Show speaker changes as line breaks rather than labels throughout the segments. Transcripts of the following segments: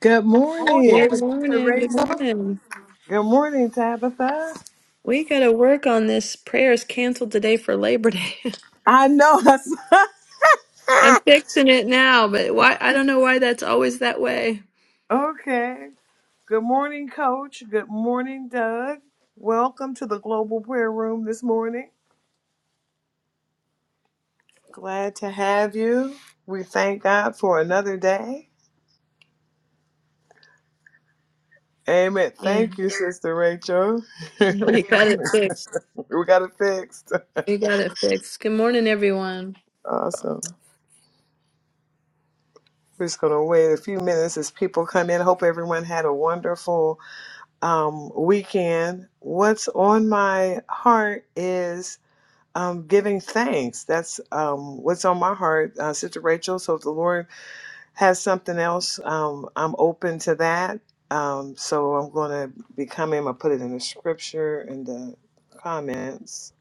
Good morning.
Good morning. Good morning.
Good morning, Tabitha.
We got to work on this. Prayers canceled today for Labor Day.
I know. That's...
I'm fixing it now, but why? I don't know why that's always that way.
Okay. Good morning, Coach. Good morning, Doug. Welcome to the Global Prayer Room this morning. Glad to have you. We thank God for another day. Amen.
Yeah,
Thank you, Sister Rachel.
yeah,
we
we got it fixed.
got it fixed.
We got it fixed. Good morning, everyone.
Awesome. We're just going to wait a few minutes as people come in. Hope everyone had a wonderful um, weekend. What's on my heart is um, giving thanks. That's um, what's on my heart, uh, Sister Rachel. So if the Lord has something else, um, I'm open to that. Um, so I'm going to be coming. I put it in the scripture in the comments.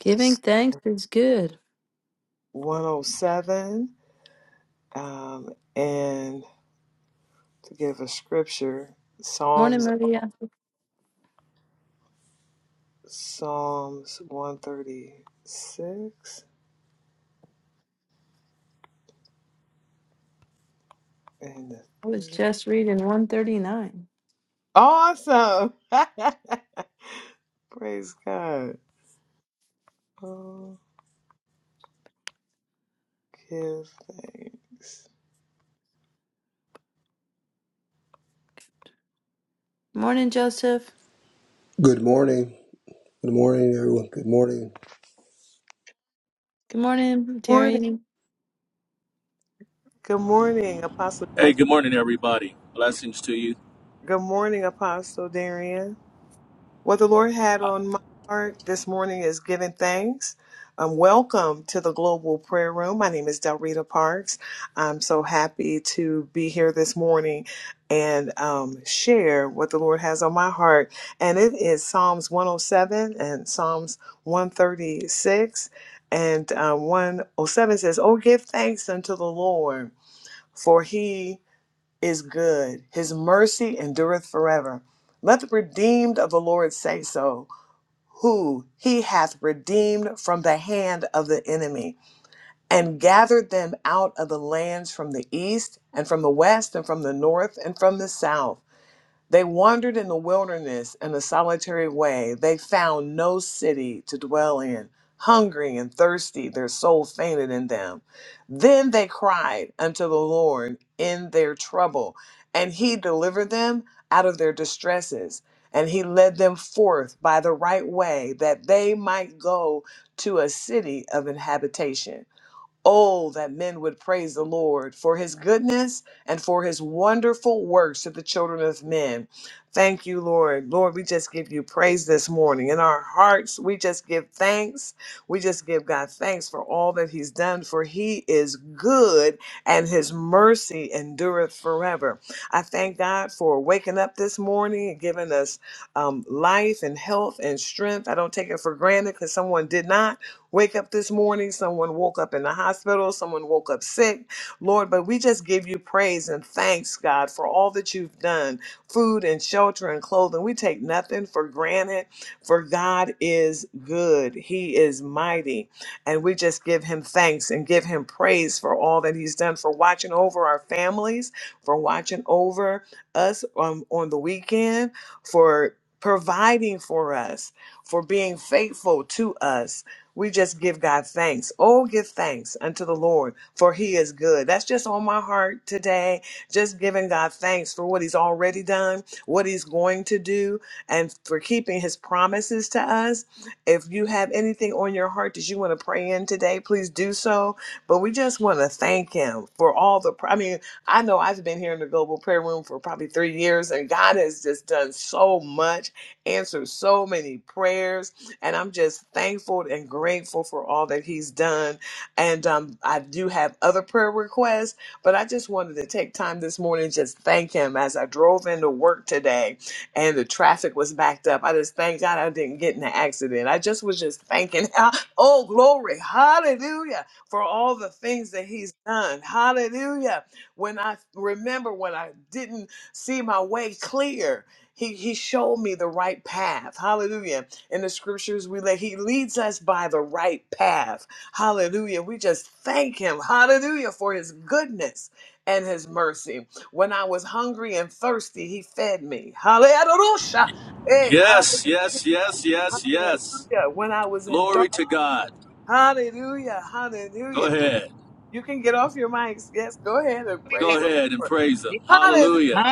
Giving thanks is good.
107 um, and to give a scripture
Morning,
psalms
Maria.
psalms 136 and the
I was
thing.
just reading 139.
awesome praise god Oh. Give thanks.
Morning, Joseph.
Good morning. Good morning, everyone. Good morning.
Good morning,
Morning.
Terry.
Good morning, Apostle
Hey,
Joseph.
good morning, everybody. Blessings to you.
Good morning, Apostle Darian. What the Lord had
Uh,
on my heart this morning is giving thanks. Um, welcome to the Global Prayer Room. My name is Delrita Parks. I'm so happy to be here this morning and um, share what the Lord has on my heart. And it is Psalms 107 and Psalms 136. And um, 107 says, Oh, give thanks unto the Lord for he is good. His mercy endureth forever. Let the redeemed of the Lord say so, who he hath redeemed from the hand of the enemy, and gathered them out of the lands from the east, and from the west, and from the north, and from the south. They wandered in the wilderness in a solitary way. They found no city to dwell in. Hungry and thirsty, their soul fainted in them. Then they cried unto the Lord in their trouble, and he delivered them out of their distresses. And he led them forth by the right way, that they might go to a city of inhabitation. Oh, that men would praise the Lord for his goodness and for his wonderful works to the children of men. Thank you, Lord. Lord, we just give you praise this morning. In our hearts, we just give thanks. We just give God thanks for all that he's done, for he is good and his mercy endureth forever. I thank God for waking up this morning and giving us um, life and health and strength. I don't take it for granted because someone did not wake up this morning. Someone woke up in the hospital. Someone woke up sick, Lord. But we just give you praise and thanks, God, for all that you've done food and shelter and clothing. We take nothing for granted, for God is good. He is mighty. And we just give him thanks and give him praise for all that he's done, for watching over our families, for watching over us um, on the weekend, for providing for us, for being faithful to us. We just give God thanks. Oh, give thanks unto the Lord, for he is good. That's just on my heart today. Just giving God thanks for what he's already done, what he's going to do, and for keeping his promises to us. If you have anything on your heart that you want to pray in today, please do so. But we just want to thank him for all the, I mean, I know I've been here in the global prayer room for probably three years, and God has just done so much, answered so many prayers and I'm just thankful and grateful for all that he's done. And um, I do have other prayer requests, but I just wanted to take time this morning just thank him as I drove into work today and the traffic was backed up. I just thank God I didn't get in an accident. I just was just thanking, oh, glory, hallelujah, for all the things that he's done. Hallelujah. When I remember when I didn't see my way clear, he, he showed me the right path. Hallelujah in the scriptures we let he leads us by the right path hallelujah we just thank him hallelujah for his goodness and his mercy when i was hungry and thirsty he fed me hallelujah hey,
Yes,
hallelujah
yes, yes, yes, yes.
when i was in
Glory
dark
to God.
hallelujah
Go
hallelujah please
ahead.
you can get off your mics yes go ahead and
Hallelujah.
Go
praise the
ahead and
lord
praise Him.
hallelujah
Hallelujah.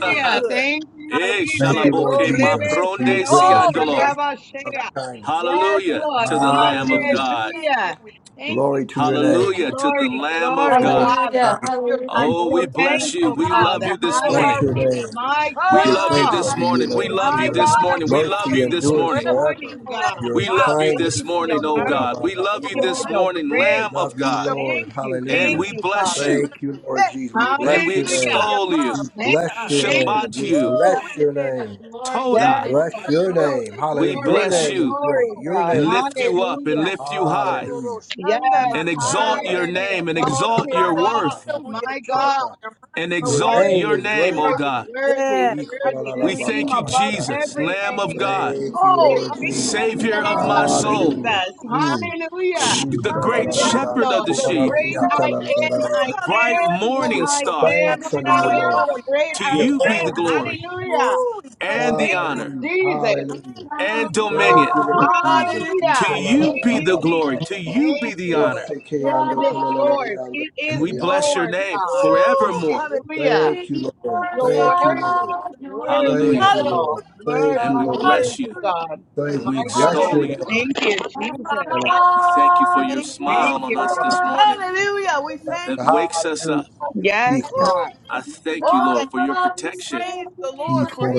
so good
Thank you,
hallelujah
Hey,
I
Thank you,
re-
Jesus.
Lord
Oh,
shalaboke
Rebe,
Jesus, for
mapronde
your
Sarabo,
goodness,
oh
your
yes
siandolo.
mercy, and
Yes.
Sarabashea.
your kindness.
Yes,
Hallelujah
Lord.
to the Lamb of
oh we
Hallelujah.
God.
thank you
Hallelujah.
we
Thank
Glory
you,
to your
Jesus.
name,
Hallelujah to the
Glory,
Lamb of
glory,
thank you
Lord.
God.
Father.
Hallelujah.
God,
for your
Hallelujah.
I'm
Oh,
so
we
Glory to the
bless you.
thankful,
We
God.
Lord.
love
Father.
you this
for
Bless
our
your
morning.
Glory
Hallelujah.
name.
My
We
We
give
holy
love
Lord,
you
thanks
God.
this
unto you,
morning. We
Lord, for
love
My
you
your
your
this
God,
morning.
mercy
we
We love
love
mercy
you
you
this
this
endures
morning.
forever.
forever.
morning,
to me.
Yes,
God.
Your
We
your
Wow,
love you
thank
mercy
this
kindness.
you for
We
morning,
your
oh
call
forever.
out,
God.
ba
mercy.
We love
Thank
you
you
We
We
for
this
Glory
thank
your
morning,
we
grace.
Lamb
love
of
you
to
for
you,
God.
your
Lord.
Thank you.
we
And
Thank
Hallelujah.
we
you,
bless
Father.
you
thank
Thank you, Lord
yes,
Jesus. We
we
and
thank
bless
we
your
you
name.
for
Hallelujah.
your
extol you,
love.
We
Thank
God.
bless
you,
your
thank
name.
you,
Shabbat
We
your
you,
name.
Jesus.
Woo, we
bless your
can
Hallelujah.
name.
Glory to
We
Yes,
oh
your
Toda.
we
name.
bless
bless
Lord.
your
you.
Glory,
name.
We
Hallelujah. Your
There's
glory,
no
bless
name
one
is
you
like
glory,
great.
you.
Your
God.
and
name is
lift you
great.
up and
Hallelujah.
lift you high
Hallelujah.
Yes,
and
No one
exalt
high
like
your
you.
and
name and exalt
exalted
your
up.
worth
Hallelujah, we
My
exalt
God.
your mind.
and
You're
Your
exalt
name
your
worthy,
is
name,
great.
oh
Love
worthy,
you,
God.
Lord.
worthy,
Yes,
worthy. The
We
hallelujah
name
thank you,
above
Jesus,
every
today.
Lamb of
name.
God,
Thank you,
Oh,
There's
Lord Jesus.
Love
victory in
Savior
the
of
hallelujah,
name of
my soul,
Hallelujah.
Jesus.
Mm.
mighty
Hallelujah.
you.
the
you, love you,
great
Mighty are
Yes,
shepherd of
Lord.
the
The
sheep,
great I
you.
am. I
Woo,
bright
hallelujah.
am who
We
morning
give
I
your way
star.
am,
out
thanks
and
unto
of
I
you,
nowhere.
am
Lord.
Lord,
the
we,
great
To
Give
you be
I
the
am.
thanks.
glory.
Hallelujah.
Ooh, we bless
and the
Thank
you,
you,
honor
Hallelujah.
Jesus.
Hallelujah.
Lord. Hallelujah.
and
Thank
dominion.
you, Lord Jesus.
Hallelujah.
Hallelujah.
To you
Thank
be
you,
the glory,
Jesus.
to
Ikolalalalababababa.
you
Thank
be
you,
the honor.
Lord.
Yes,
It is
love
thank
yours. It
And
is
we
Esekeyandokololalalayandalariyanda.
bless your
yours,
name
you.
God.
Ooh,
forevermore.
Hallelujah.
hallelujah.
Thank you, Lord.
Glory
You're
Thank
Thank
you.
you,
Son
Lord.
worthy,
of God, I glorify your name,
worthy
Thank
of
Hallelujah.
Hallelujah.
you,
it all.
Lord.
Worthy,
Thank
And
you,
we
God.
Lord.
bless
worthy,
you
Hallelujah.
God.
Thank
and
you.
we
We
My God.
bless
extol
your
Hallelujah.
you.
name.
Thank you,
My
And
Jesus.
my
God,
La
Thank
la
my
We thank you for
God, we
your
thank
smile on
you,
glorify
us
Lord.
this
you.
morning
you,
Hallelujah. We
la la
that
la.
thank you.
wakes us up.
Hallelujah.
Yes,
Ikol-
Woo.
God.
I thank you,
All that
Lord, for your
God. We
protection.
praise the Lord
sing
for his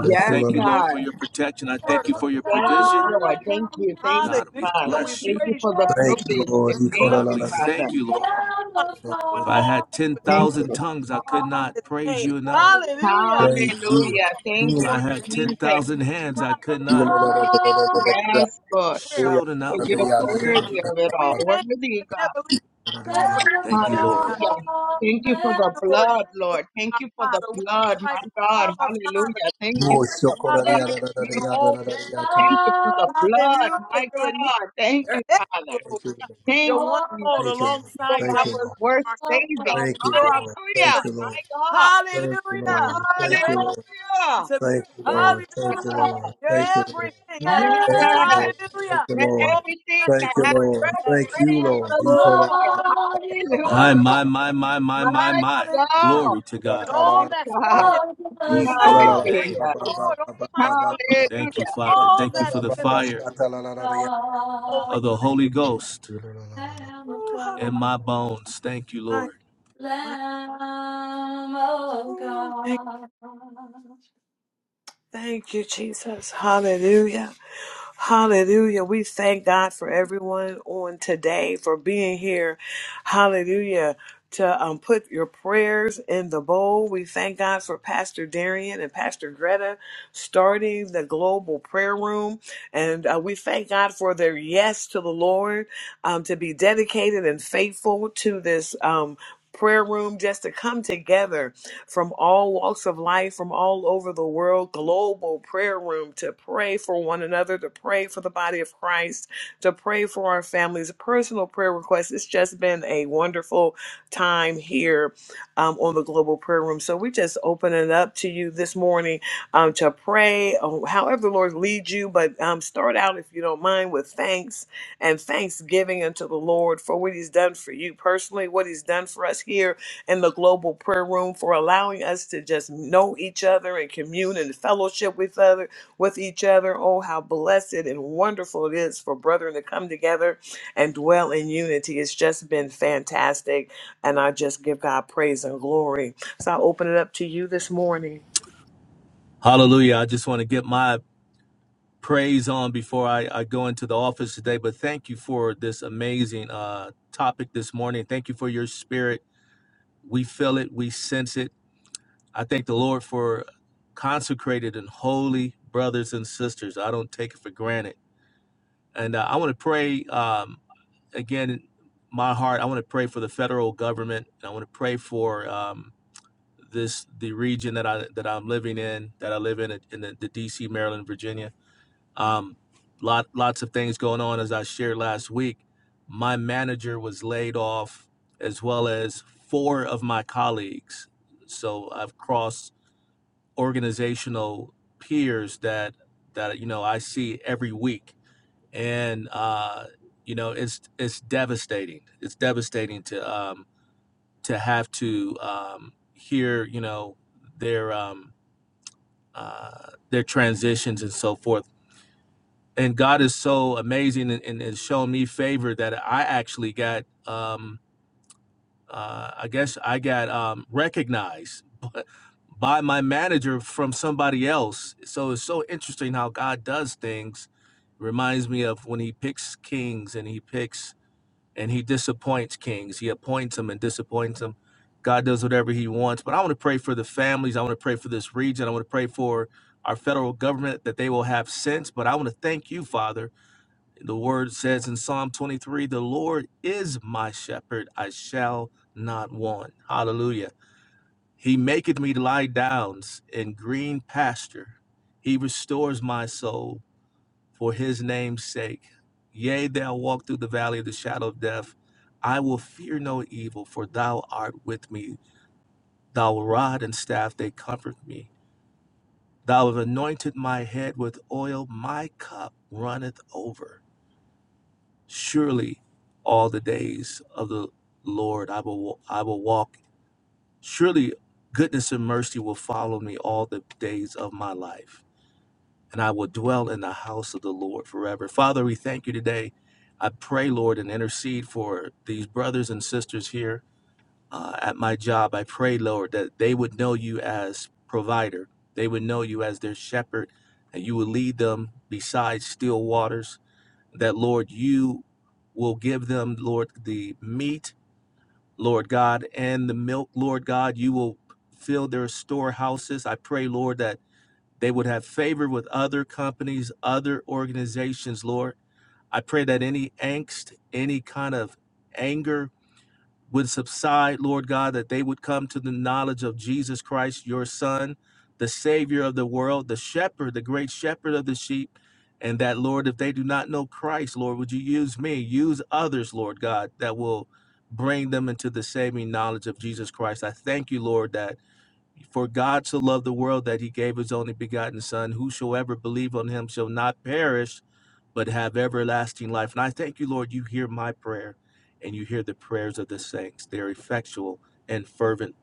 I
Yes,
thank you, Lord,
God.
for your protection.
wonderful
I thank
work.
Lamb
you
of
for
to
your
Thank
the
you,
children of
provision.
Lord.
men.
Thank
God,
you. Thank you,
God, we
Father.
Hallelujah. We
bless you.
Thank you
praise
for
you,
the
Lord.
Thank you,
provision.
Lord.
And
I
Thank
will,
God,
you,
we
Ikolalalalalayandalariyanda.
Father.
thank you,
Lord,
Lord.
my God, when
If I
all
had
that is
Thank
10,000
you.
tongues, I could
blessed
not
his
praise
name.
you enough.
Hallelujah.
Praise you.
Bless
Hallelujah. Thank
you,
I
you,
Lord.
had
Jesus.
10,000 hands.
God,
I could
Lord
not
Mm.
Yes, Lord.
God. Prayer with
Oya
shout
For
enough,
da
you're
da
you,
Lord.
ya
Lord.
da da da
Thank
worthy
you.
of
da
it
We
all.
thank you for
Worthy, God.
never leaving
da da
nor
ya.
Thank
forsaking
you,
us,
Lord.
God.
Hallelujah. Thank you for
Thank
the
you, Lord God,
blood,
for
Lord.
being
Thank you
our
for the
Father. We
blood,
cry
my God.
out, Abba, Father.
Hallelujah. Thank you
Mo
for the
shokora
blood,
ya
Hallelujah.
da da da da
You're
ya
Jesus.
da da da da
always,
ya ta la.
Thank you for the blood,
hallelujah.
my
You're a need.
God. Thank
You're
you, Father.
helpful.
Thank you, Lord.
You're
Thank
one
you,
called
Jesus.
Thank you,
Lord,
alongside to
I
help.
was
Lord.
You're
worth
our helper.
saving.
Thank you,
You're our
Lord.
Hallelujah.
Thank you,
comforter.
Lord.
My God.
Thank you,
Hallelujah.
Lord.
You're
Thank you,
everything
Lord.
Hallelujah.
to me.
Thank you,
My
Lord. Thank you, Lord. Thank you,
Hallelujah.
God.
Lord.
You're
Thank you, Lord.
everything I need.
Yes.
Hallelujah.
Thank you,
Let
Oh,
Lord.
everything
bless
that
Thank you, Lord. Thank
the
you,
has
Lord
Lord.
breath
today.
Thank you,
praise
Lord.
the
He
Woo,
called
bless
up.
the
Lord.
Ba, ba,
Lord.
ba,
My,
Hallelujah.
my, my, my, my, my,
My
my.
God.
ba, ba,
Hallelujah.
Glory to
ba,
And
God.
ta, la,
My
all
la, la,
that's
God.
ta.
within.
He
Glory
called
to
la, la,
your
Oh, bless
name.
la, ba,
Hallelujah.
ba,
the
ba,
Lord. All
ba, ba,
my
ba, ba, ba,
soul.
ba,
Hallelujah.
Thank you,
ba,
Father.
ba, ba,
All
Thank
ba,
you
that's
for
ba,
the
ba,
within.
ba,
fire
sha, ta, la, la, la, la,
Holy.
of the Holy Ghost
Ooh, hallelujah.
in my bones. Thank you,
My,
Lord.
my.
Lamb of
ooh? thank
God.
Thank you, Jesus. Hallelujah. Hallelujah. We thank God for everyone on today for being here. Hallelujah. To um, put your prayers in the bowl. We thank God for Pastor Darian and Pastor Greta starting the global prayer room. And uh, we thank God for their yes to the Lord, um, to be dedicated and faithful to this um, prayer room, just to come together from all walks of life, from all over the world, global prayer room to pray for one another, to pray for the body of Christ, to pray for our families, personal prayer requests. It's just been a wonderful time here um, on the global prayer room. So we just open it up to you this morning um, to pray, oh, however the Lord leads you. But um, start out, if you don't mind, with thanks and thanksgiving unto the Lord for what He's done for you personally, what He's done for us here in the global prayer room for allowing us to just know each other and commune and fellowship with other with each other. Oh, how blessed and wonderful it is for brethren to come together and dwell in unity. It's just been fantastic, and I just give God praise and glory. So I open it up to you this morning.
Hallelujah. I just want to get my praise on before I, I go into the office today, but thank you for this amazing uh, topic this morning. Thank you for your spirit. We feel it, we sense it I thank the Lord for consecrated and holy brothers and sisters. I don't take it for granted. And uh, I want to pray um, again, in my heart, I want to pray for the federal government. And I want to pray for um, this, the region that, I, that I'm living in, that I live in, uh, in the, the DC, Maryland, Virginia. Um, lot, lots of things going on, as I shared last week. My manager was laid off, as well as four of my colleagues. So I've crossed organizational peers that that you know I see every week, and uh, you know it's it's devastating. It's devastating to um, to have to um, hear you know their um, uh, their transitions and so forth. And God is so amazing and, and, and shown me favor that I actually got. Um, uh, I guess I got um, recognized b- by my manager from somebody else. So it's so interesting how God does things. Reminds me of when He picks kings and He picks and He disappoints kings. He appoints them and disappoints them. God does whatever He wants. But I want to pray for the families. I want to pray for this region. I want to pray for our federal government that they will have sense. But I want to thank you, Father the word says in Psalm 23, the Lord is my shepherd, I shall not want. Hallelujah. He maketh me to lie down in green pasture. He restores my soul for his name's sake. Yea, thou walk through the valley of the shadow of death. I will fear no evil, for thou art with me. Thou rod and staff, they comfort me. Thou have anointed my head with oil, my cup runneth over. surely all the days of the Lord I will I will walk surely goodness and mercy will follow me all the days of my life and I will dwell in the house of the Lord forever. Father, we thank you today. I pray, Lord, and intercede for these brothers and sisters here uh, at my job. I pray, Lord, that they would know you as provider. They would know you as their shepherd, and you would lead them beside still waters that, Lord, you will give them, Lord, the meat, Lord God, and the milk, Lord God. You will fill their storehouses. I pray, Lord, that they would have favor with other companies, other organizations, Lord. I pray that any angst, any kind of anger, would subside, Lord God, that they would come to the knowledge of Jesus Christ, your Son, the Savior of the world, the Shepherd, the great Shepherd of the sheep. And that, Lord, if they do not know Christ, Lord, would you use me, use others, Lord God, that will bring them into the saving knowledge of Jesus Christ. I thank you, Lord, that for God so loved the world that he gave his only begotten Son, whosoever believe on him shall not perish but have everlasting life. And I thank you, Lord, you hear my prayer and you hear the prayers of the saints. They're effectual and fervent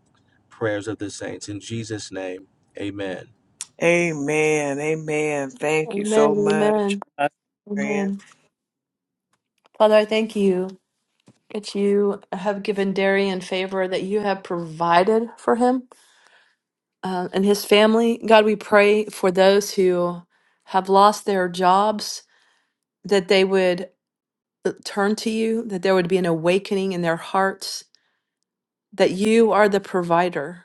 prayers of the saints. In Jesus' name, amen.
Amen. Amen. Thank you
Amen,
so much.
amen, amen. Father, I thank you that you have given Darian favor that you have provided for him uh, and his family. God, we pray for those who have lost their jobs that they would uh, turn to you, that there would be an awakening in their hearts, that you are the provider.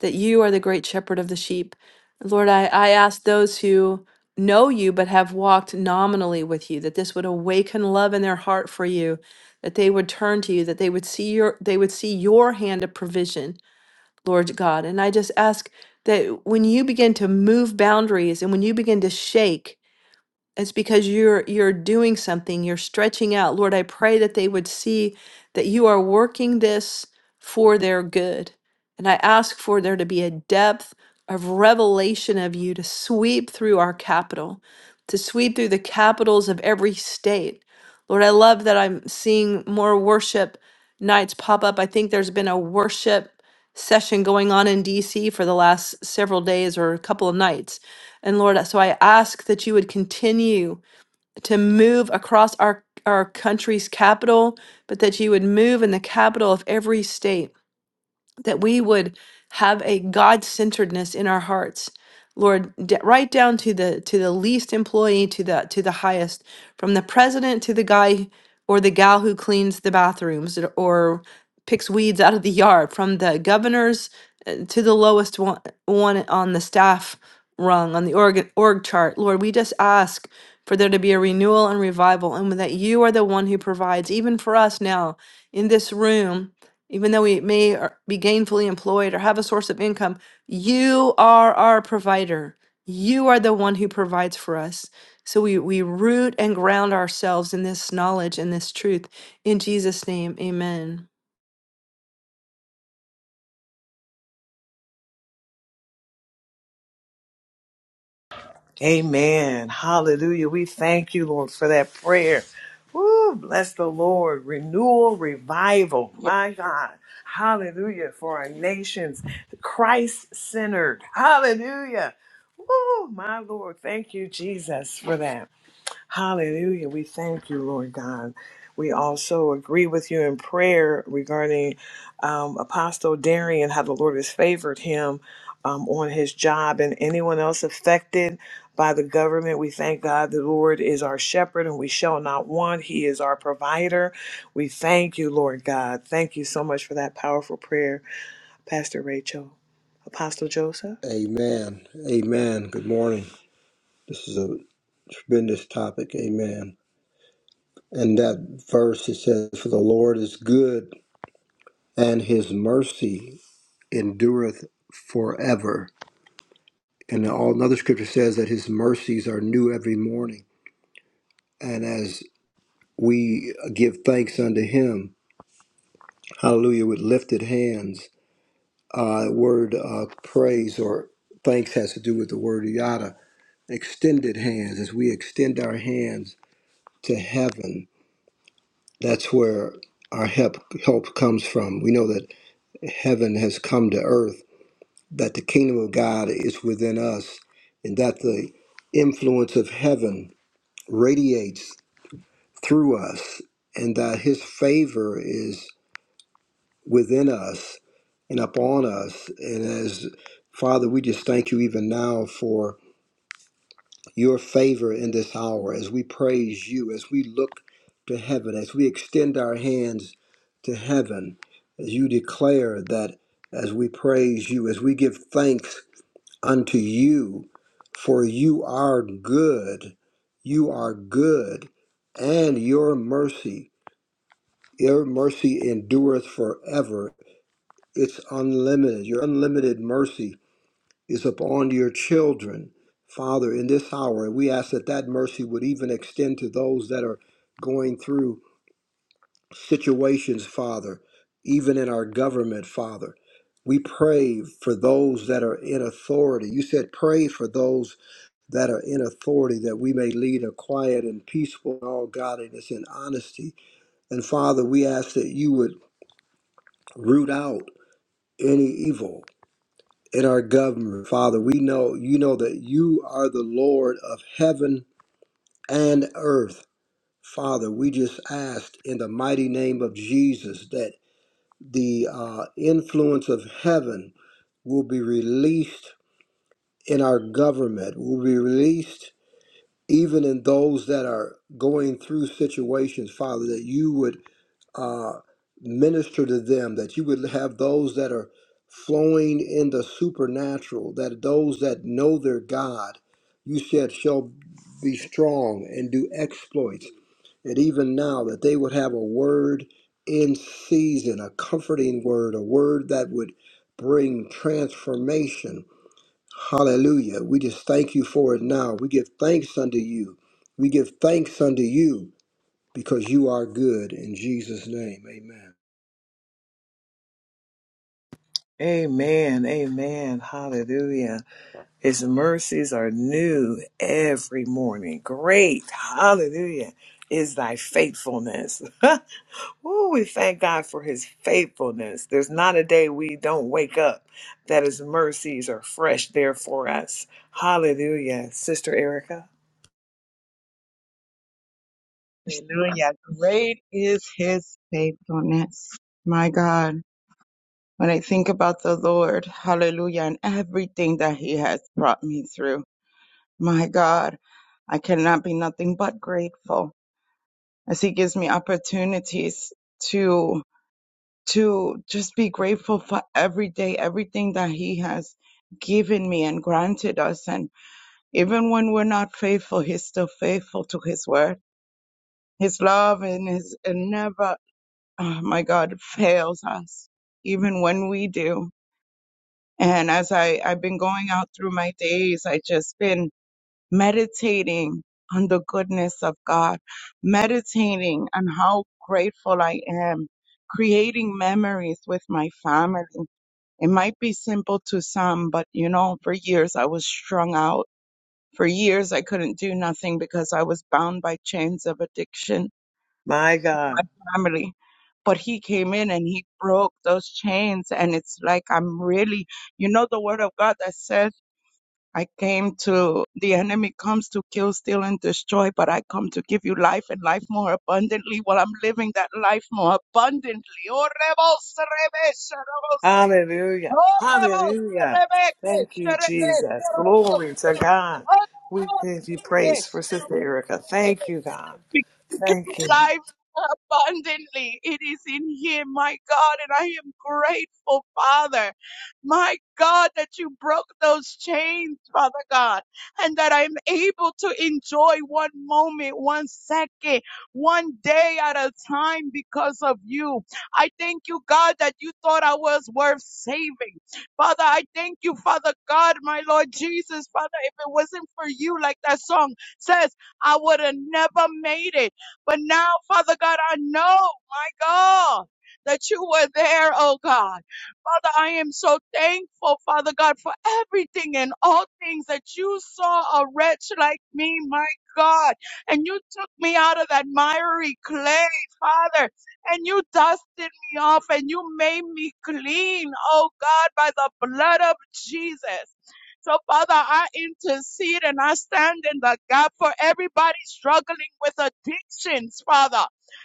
that you are the great shepherd of the sheep. Lord, I, I ask those who know you but have walked nominally with you that this would awaken love in their heart for you, that they would turn to you, that they would see your they would see your hand of provision, Lord God. And I just ask that when you begin to move boundaries and when you begin to shake it's because you're you're doing something, you're stretching out. Lord, I pray that they would see that you are working this for their good. And I ask for there to be a depth of revelation of you to sweep through our capital, to sweep through the capitals of every state. Lord, I love that I'm seeing more worship nights pop up. I think there's been a worship session going on in DC for the last several days or a couple of nights and Lord, so I ask that you would continue to move across our, our country's capital, but that you would move in the capital of every state that we would have a god-centeredness in our hearts lord d- right down to the to the least employee to the to the highest from the president to the guy or the gal who cleans the bathrooms or or picks weeds out of the yard from the governors uh, to the lowest one, one on the staff rung on the org, org chart lord we just ask for there to be a renewal and revival and that you are the one who provides even for us now in this room even though we may or- be gainfully employed or have a source of income, you are our provider. You are the one who provides for us. So we, we root and ground ourselves in this knowledge and this truth. In Jesus' name, amen.
Amen. Hallelujah. We thank you, Lord, for that prayer. Woo, bless the Lord. Renewal, revival.
Yes.
My God. Hallelujah. For our nations, Christ centered. Hallelujah. Woo, my Lord. Thank you, Jesus, for that. Hallelujah. We thank you, Lord God. We also agree with you in prayer regarding um, Apostle Darian, how the Lord has favored him um, on his job and anyone else affected by the government. We thank God the Lord is our shepherd and we shall not want. He is our provider. We thank you, Lord God. Thank you so much for that powerful prayer, Pastor Rachel. Apostle Joseph?
Amen. Amen. Good morning. This is a tremendous topic. Amen. And that verse it says, For the Lord is good, and his mercy endureth forever. And all another scripture says that his mercies are new every morning. And as we give thanks unto him, hallelujah, with lifted hands, uh, word uh, praise or thanks has to do with the word yada extended hands, as we extend our hands to heaven, that's where our help help comes from. We know that heaven has come to earth, that the kingdom of God is within us, and that the influence of heaven radiates through us, and that his favor is within us and upon us. And as Father, we just thank you even now for your favor in this hour as we praise you, as we look to heaven, as we extend our hands to heaven, as you declare that as we praise you, as we give thanks unto you, for you are good, you are good, and your mercy, your mercy endureth forever. It's unlimited, your unlimited mercy is upon your children, Father, in this hour. And we ask that that mercy would even extend to those that are going through situations, Father, even in our government, Father. We pray for those that are in authority. You said, pray for those that are in authority that we may lead a quiet and peaceful, all godliness and honesty. And Father, we ask that you would root out any evil and our governor. Father, we know you know that you are the Lord of heaven and earth. Father, we just ask in the mighty name of Jesus that the uh, influence of heaven will be released in our government, will be released even in those that are going through situations, Father, that you would uh, minister to them, that you would have those that are flowing in the supernatural, that those that know their God, you said, shall be strong and do exploits. And even now, that they would have a word in season, a comforting word, a word that would bring transformation. Hallelujah. We just thank you for it now. We give thanks unto you. We give thanks unto you because you are good. In Jesus' name, amen.
Amen. Amen. Hallelujah. His mercies are new every morning. Great, hallelujah, is thy faithfulness. Ooh, we thank God for his faithfulness. There's not a day we don't wake up that his mercies are fresh there for us. Hallelujah, Sister Erica.
Hallelujah. Great is his faithfulness. My God. When I think about the Lord, hallelujah, and everything that he has brought me through, my God, I cannot be nothing but grateful as he gives me opportunities to. to just be grateful for every day, everything that He has given me and granted us. And even when we're not faithful, He's still faithful to His word. His love and His and never, oh my God, fails us, even when we do. And as I, I've been going out through my days, I just been meditating on the goodness of God, meditating on how grateful I am, creating memories with my family It might be simple to some, but you know, for years I was strung out. For years I couldn't do nothing because I was bound by chains of addiction,
My God.
my family. But he came in and he broke those chains. And it's like I'm really, you know, the word of God that says, I came to, the enemy comes to kill, steal, and destroy, but I come to give you life and life more abundantly. Well, I'm living that life more abundantly. Oh, rebels, rebels, rebels.
Hallelujah.
Oremos,
Hallelujah.
Rebeke,
Thank you,
Sherebe,
Jesus.
Serobos,
Glory to God. We
Oremos,
give you
Rebeke,
praise for Sister
Serobos
Erica. Thank you, God.
because of
Thank you.
life abundantly. It is in Him, my God, and I am grateful, Father. My God, that you broke those chains, Father God, and that I'm able to enjoy one moment, one second, one day at a time because of you. I thank you, God, that you thought I was worth saving. Father, I thank you, Father God, my Lord Jesus, Father, if it wasn't for you, like that song says, I would have never made it. But now, Father God, I know, my God, that you were there, oh God. Father, I am so thankful, Father God, for everything and all things that you saw a wretch like me, my God, and you took me out of that miry clay, Father, and you dusted me off and you made me clean, oh God, by the blood of Jesus. So, Father, I intercede and I stand in the gap for everybody struggling with addictions, Father,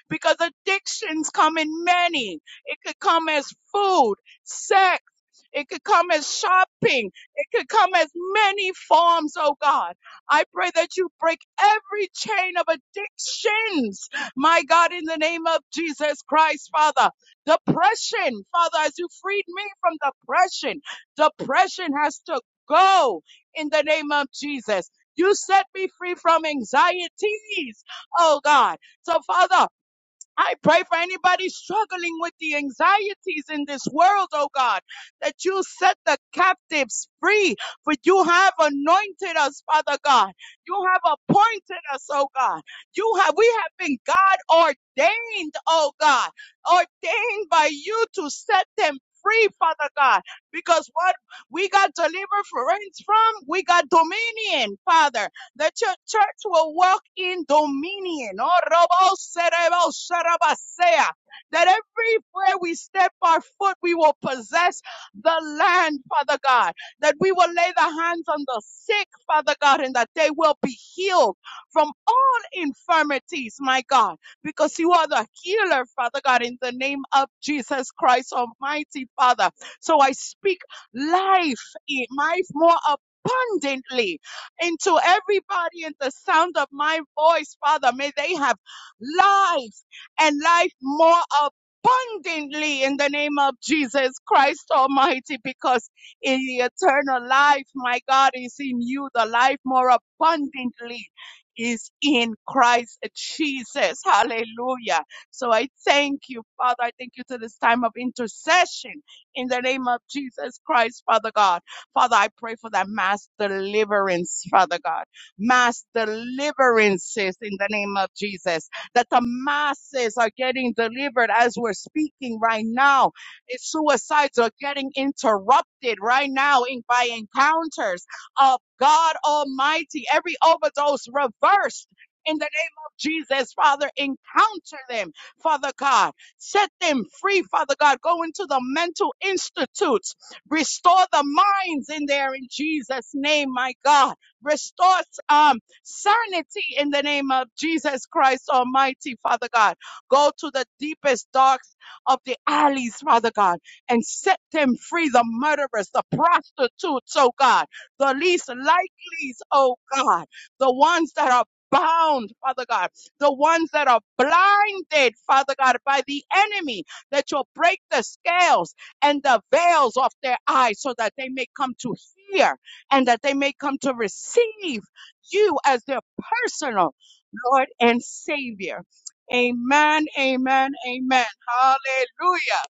because addictions come in many. It could come as food sex. It could come as shopping. It could come as many forms, oh God. I pray that you break every chain of addictions, my God, in the name of Jesus Christ, Father. Depression, Father, as you freed me from depression, depression has to go in the name of Jesus. You set me free from anxieties, oh God. So, Father, I pray for anybody struggling with the anxieties in this world, oh God, that you set the captives free, for you have anointed us, Father God. You have appointed us, oh God. You have, we have been God ordained, oh God, ordained by you to set them free, Father God, because what we got deliverance from, we got dominion, Father. The church, church will walk in dominion. Oh, robo cerebo sharabasea. That everywhere we step our foot, we will possess the land, Father God. That we will lay the hands on the sick, Father God, and that they will be healed from all infirmities, my God, because you are the healer, Father God, in the name of Jesus Christ Almighty, Father. So I speak life, eh, life more abundantly into everybody in the sound of my voice, Father. May they have life and life more abundantly in the name of Jesus Christ Almighty, because in the eternal life, my God, is in you. The life more abundantly is in Christ Jesus. Hallelujah. So I thank you, Father. I thank you to this time of intercession in the name of Jesus Christ, Father God. Father, I pray for that mass deliverance, Father God. Mass deliverances in the name of Jesus. That the masses are getting delivered as we're speaking right now. If suicides are getting interrupted right now in, by encounters of God Almighty. Every overdose reversed. In the name of Jesus, Father, encounter them, Father God. Set them free, Father God. Go into the mental institutes. Restore the minds in there in Jesus' name, my God. Restore um, sanity in the name of Jesus Christ Almighty, Father God. Go to the deepest darks of the alleys, Father God, and set them free, the murderers, the prostitutes, oh God, the least likelies, oh God, the ones that are bound, Father God, the ones that are blinded, Father God, by the enemy, that you'll break the scales and the veils off their eyes so that they may come to hear and that they may come to receive you as their personal Lord and Savior. Amen, amen, amen. Hallelujah.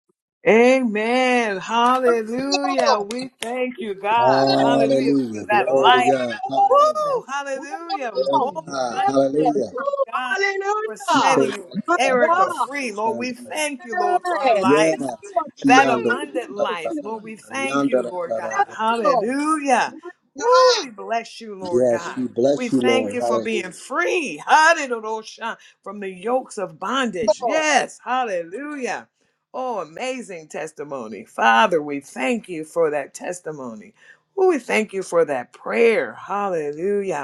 Amen. Hallelujah. We thank you, God. Hallelujah for
Hallelujah.
that
Oh,
Glory
yes.
to
Come
light.
God. Hallelujah.
Woo! Hallelujah.
Glory to
More.
God.
Yes.
Hallelujah.
Woo.
God, for
We
Hallelujah.
call it
setting
My
la, la, la,
Erica
la,
God.
free.
la, la,
Lord, we
la, la.
thank you, Lord, for her
Yes.
life,
Yes.
You are
that
free
Kiando.
in
abundant
La,
Jesus'
la, la,
life.
la, la,
Lord,
name.
we
la,
thank
yanda,
you,
la,
Lord
la, la, la,
God.
la, la,
Yes.
la.
Hallelujah.
My
Woo, we bless you, Lord
Yes,
God.
we
We
bless you,
thank
Lord.
you for being
Hallelujah.
free. Hallelujah. From the yokes of bondage.
God.
Yes. Hallelujah. Oh, amazing testimony. Father, we thank you for that testimony. Ooh, We thank you for that prayer. Hallelujah.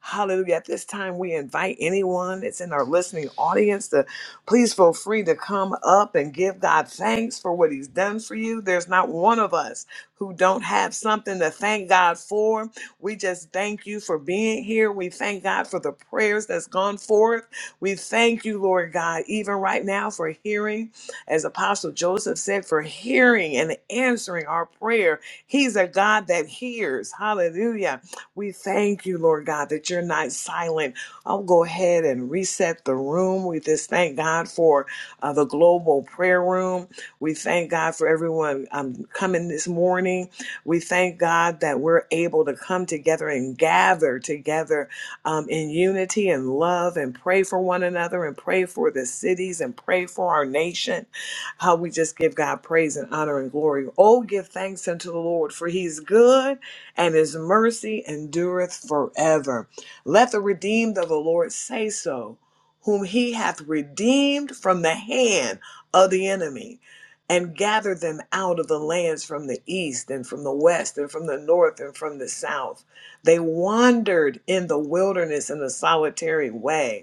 Hallelujah. At this time, we invite anyone that's in our listening audience to please feel free to come up and give God thanks for what He's done for you. There's not one of us who don't have something to thank God for. We just thank you for being here. We thank God for the prayers that's gone forth. We thank you, Lord God, even right now for hearing, as Apostle Joseph said, for hearing and answering our prayer. He's a God that hears. Hallelujah. We thank you, Lord God, that you're not silent. I'll go ahead and reset the room. We just thank God for uh, the global prayer room. We thank God for everyone um, coming this morning. We thank God that we're able to come together and gather together um, in unity and love and pray for one another and pray for the cities and pray for our nation. How we just give God praise and honor and glory. Oh, give thanks unto the Lord, for he's good and his mercy endureth forever. Let the redeemed of the Lord say so, whom he hath redeemed from the hand of the enemy, and gathered them out of the lands from the east and from the west and from the north and from the south. They wandered in the wilderness in a solitary way.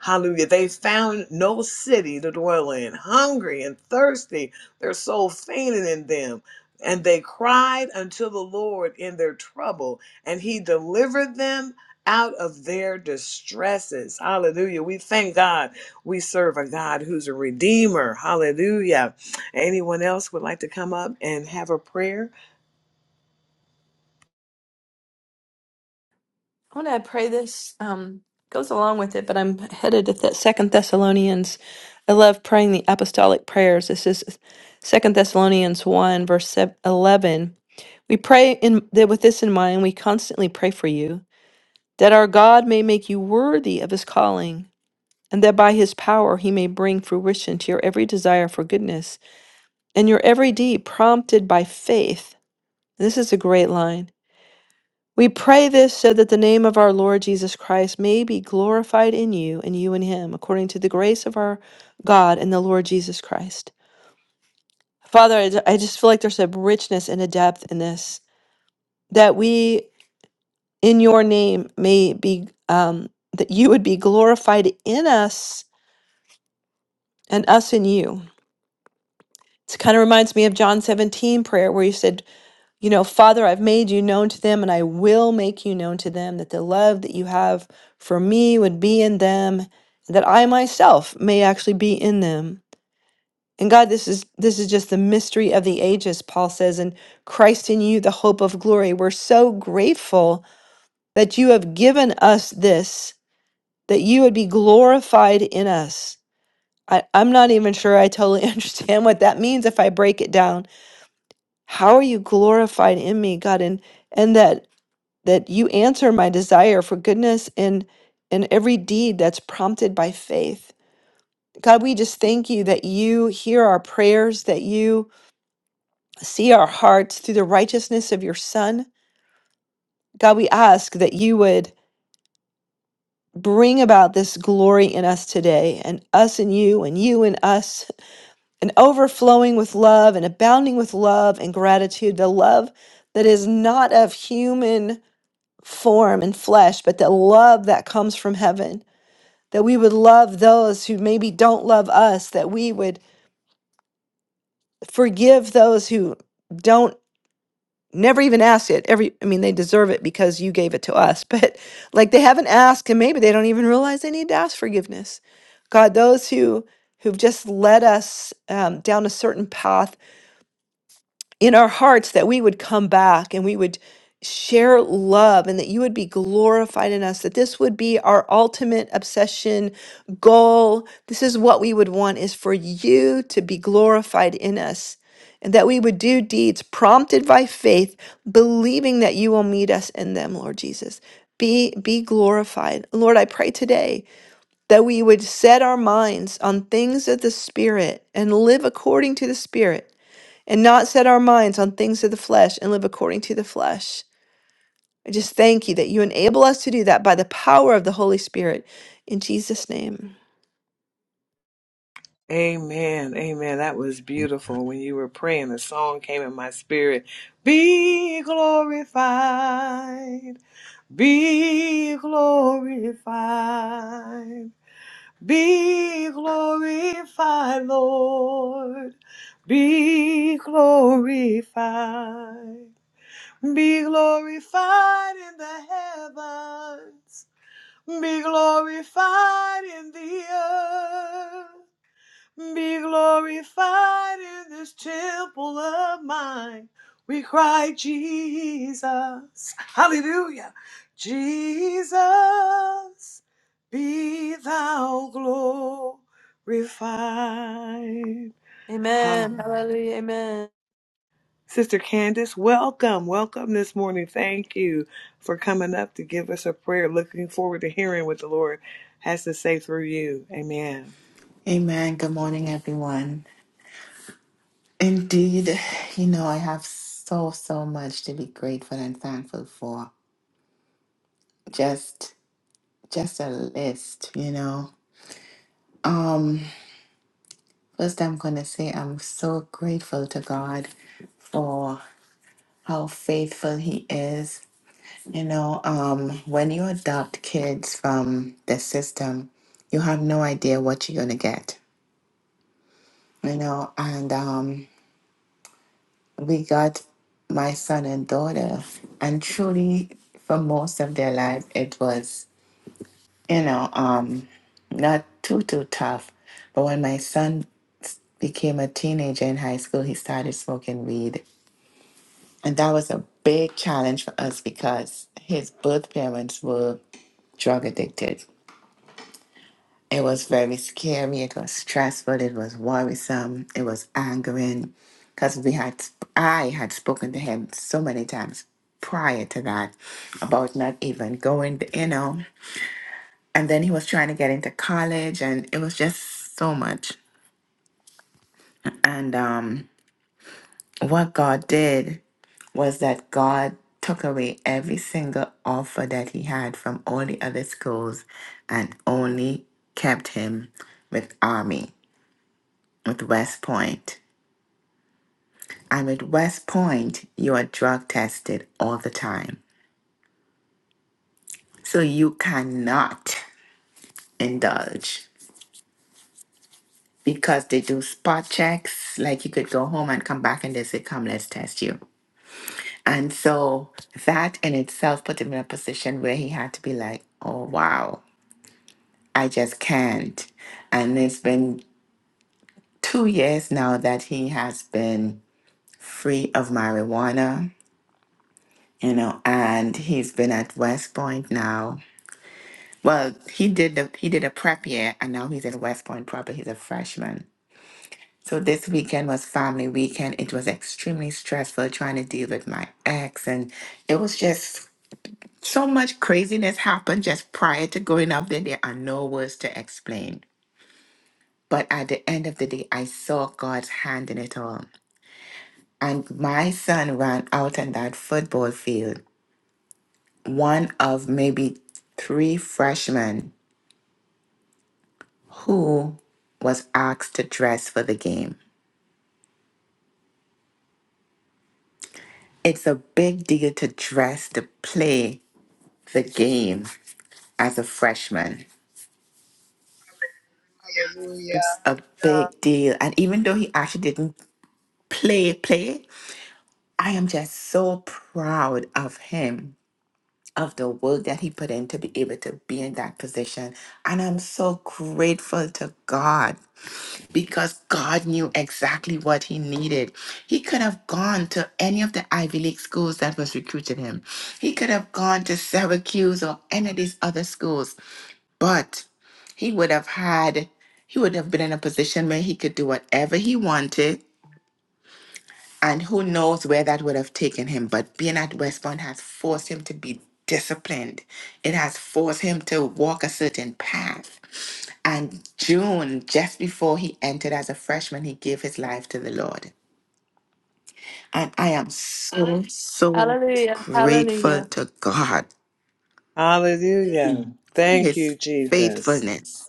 Hallelujah. They found no city to dwell in. Hungry and thirsty, their soul fainted in them. And they cried unto the Lord in their trouble, and he delivered them out of their distresses. Hallelujah. We thank God we serve a God who's a redeemer. Hallelujah Anyone else would like to come up and have a prayer?
I want to pray this, um, goes along with it, but I'm headed to that Second Thessalonians. I love praying the apostolic prayers. This is Second Thessalonians 1, verse sev- 11. We pray in, that with this in mind, we constantly pray for you that our God may make you worthy of his calling, and that by his power he may bring fruition to your every desire for goodness and your every deed prompted by faith. This is a great line. We pray this so that the name of our Lord Jesus Christ may be glorified in you and you in him, according to the grace of our God and the Lord Jesus Christ. Father, I ju- I just feel like there's a richness and a depth in this, that we in your name may be, um, that you would be glorified in us and us in you. It kind of reminds me of John 17 prayer where he said, You know, Father, I've made you known to them and I will make you known to them that the love that you have for me would be in them, that I myself may actually be in them. And God, this is this is just the mystery of the ages, Paul says, and Christ in you, the hope of glory. We're so grateful that you have given us this, that you would be glorified in us. I, I'm not even sure I totally understand what that means if I break it down how are you glorified in me god and and that that you answer my desire for goodness and and every deed that's prompted by faith god we just thank you that you hear our prayers that you see our hearts through the righteousness of your son god we ask that you would bring about this glory in us today and us and you and you and us and overflowing with love and abounding with love and gratitude the love that is not of human form and flesh, but the love that comes from heaven. That we would love those who maybe don't love us, that we would forgive those who don't never even ask it. Every I mean, they deserve it because you gave it to us, but like they haven't asked and maybe they don't even realize they need to ask forgiveness. God, those who who've just led us um, down a certain path in our hearts that we would come back and we would share love and that you would be glorified in us that this would be our ultimate obsession goal this is what we would want is for you to be glorified in us and that we would do deeds prompted by faith believing that you will meet us in them lord jesus be be glorified lord i pray today that we would set our minds on things of the spirit and live according to the spirit and not set our minds on things of the flesh and live according to the flesh. I just thank you that you enable us to do that by the power of the Holy Spirit. In Jesus' name.
Amen. Amen. That was beautiful. When you were praying, the song came in my spirit. Be glorified. Be glorified. Be glorified, Lord. Be glorified. Be glorified in the heavens. Be glorified in the earth. Be glorified in this temple of mine. We cry, Jesus. Hallelujah. Jesus, be thou glorified.
Amen.
Hallelujah.
Hallelujah. Amen.
Sister Candace, welcome. Welcome this morning. Thank you for coming up to give us a prayer. Looking forward to hearing what the Lord has to say through you. Amen.
Amen. Good morning, everyone. Indeed, you know, I have so, so much to be grateful and thankful for. Just, just a list, you know. Um, first I'm gonna say I'm so grateful to God for how faithful he is. You know, um, when you adopt kids from the system, you have no idea what you're gonna get. You know, and um we got my son and daughter and truly for most of their life it was you know um not too too tough but when my son became a teenager in high school he started smoking weed and that was a big challenge for us because his both parents were drug addicted It was very scary. It was stressful. It was worrisome. It was angering because we had, I had spoken to him so many times prior to that about not even going, you know. And then he was trying to get into college, and it was just so much. And um, what God did was that God took away every single offer that he had from all the other schools and only kept him with Army, with West Point. I'm at West Point, you are drug tested all the time. So you cannot indulge because they do spot checks. Like you could go home and come back and they say, Come, let's test you. And so that in itself put him in a position where he had to be like, Oh, wow, I just can't. And it's been two years now that he has been free of marijuana, you know, and he's been at West Point now Well, he did the he did a prep year, and now he's at West Point proper. He's a freshman. So this weekend was family weekend. It was extremely stressful trying to deal with my ex, and it was just so much craziness happened just prior to going up there. There are no words to explain. But at the end of the day, I saw God's hand in it all. And my son ran out on that football field, one of maybe three freshmen who was asked to dress for the game. It's a big deal to dress to play the game as a freshman.
Hallelujah.
It's a big deal. And even though he actually didn't play, play, I am just so proud of him, of the work that he put in to be able to be in that position. And I'm so grateful to God because God knew exactly what he needed. He could have gone to any of the Ivy League schools that was recruiting him. He could have gone to Syracuse or any of these other schools But he would have had, he would have been in a position where he could do whatever he wanted. And who knows where that would have taken him. But being at Westbourne has forced him to be disciplined, it has forced him to walk a certain path. And June, just before he entered as a freshman, he gave his life to the Lord. And I am so, so
Hallelujah.
grateful
Hallelujah.
to God,
Hallelujah. Thank
his
you, Jesus.
faithfulness.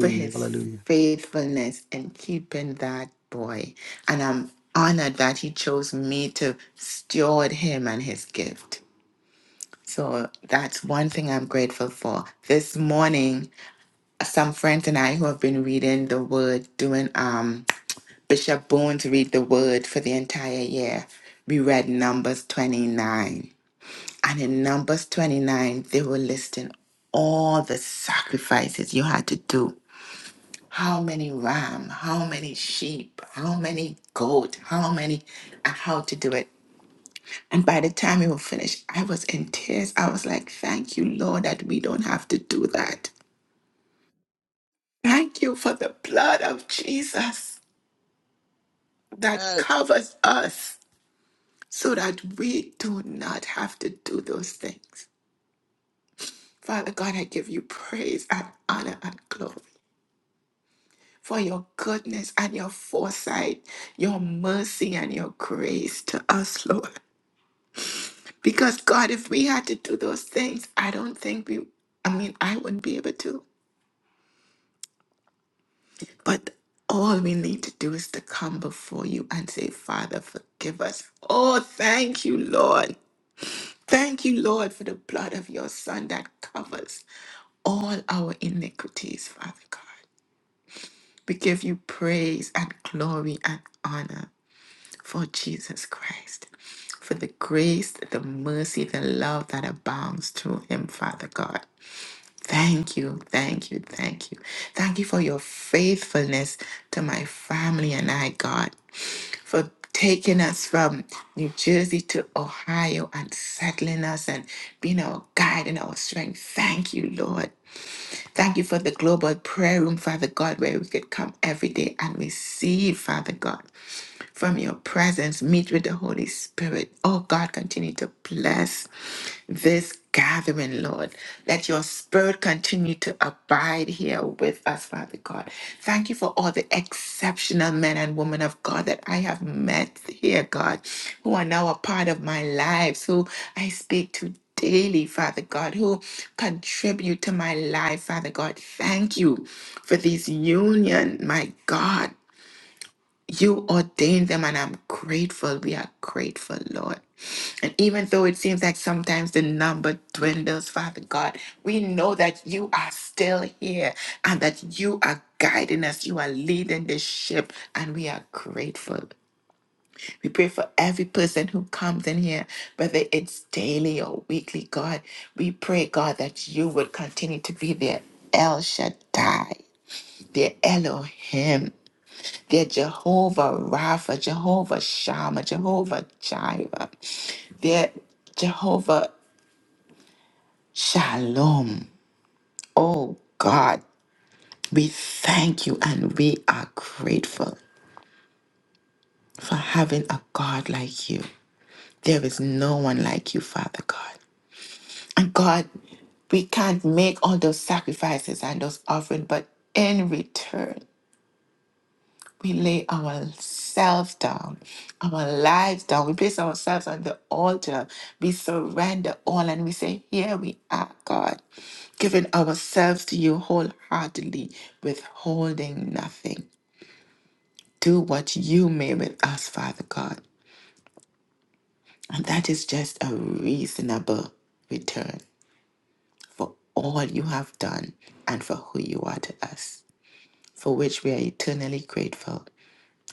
for his
Hallelujah.
faithfulness in keeping that boy. And I'm honored that he chose me to steward him and his gift. So that's one thing I'm grateful for. This morning, some friends and I who have been reading the word, doing um Bishop Bones read the word for the entire year, we read Numbers 29. And in Numbers 29, they were listing all the sacrifices you had to do how many ram, how many sheep, how many goat, how many, and how to do it. And by the time we were finished, I was in tears. I was like, thank you, Lord, that we don't have to do that. Thank you for the blood of Jesus that
Yes.
covers us so that we do not have to do those things. Father God, I give you praise and honor and glory for your goodness and your foresight, your mercy and your grace to us, Lord. Because God, if we had to do those things, I don't think we, I mean, I wouldn't be able to. But all we need to do is to come before you and say, Father, forgive us. Oh, thank you, Lord. Thank you, Lord, for the blood of your Son that covers all our iniquities, Father God. We give you praise and glory and honor for Jesus Christ, for the grace, the mercy, the love that abounds through him, Father God. Thank you, thank you, thank you. Thank you for your faithfulness to my family and I, God, for taking us from New Jersey to Ohio and settling us and being our guide and our strength. Thank you, Lord. Thank you for the global prayer room, Father God, where we could come every day and receive, Father God from your presence, meet with the Holy Spirit. Oh God, continue to bless this gathering, Lord. Let your spirit continue to abide here with us, Father God. Thank you for all the exceptional men and women of God that I have met here, God, who are now a part of my lives, who I speak to daily, Father God, who contribute to my life, Father God. Thank you for this union, my God. You ordained them, and I'm grateful. We are grateful, Lord. And even though it seems like sometimes the number dwindles, Father God, we know that you are still here and that you are guiding us. You are leading this ship, and we are grateful. We pray for every person who comes in here, whether it's daily or weekly, God. We pray, God, that you would continue to be their El Shaddai, their Elohim. They're Jehovah Rapha, Jehovah Shammah, Jehovah Jireh. They're Jehovah Shalom. Oh God, we thank you and we are grateful for having a God like you. There is no one like you, Father God. And God, we can't make all those sacrifices and those offerings, but in return. we lay ourselves down, our lives down. We place ourselves on the altar. We surrender all and we say, Here we are, God, giving ourselves to you wholeheartedly, withholding nothing. Do what you may with us, Father God. And that is just a reasonable return for all you have done and for who you are to us, for which we are eternally grateful.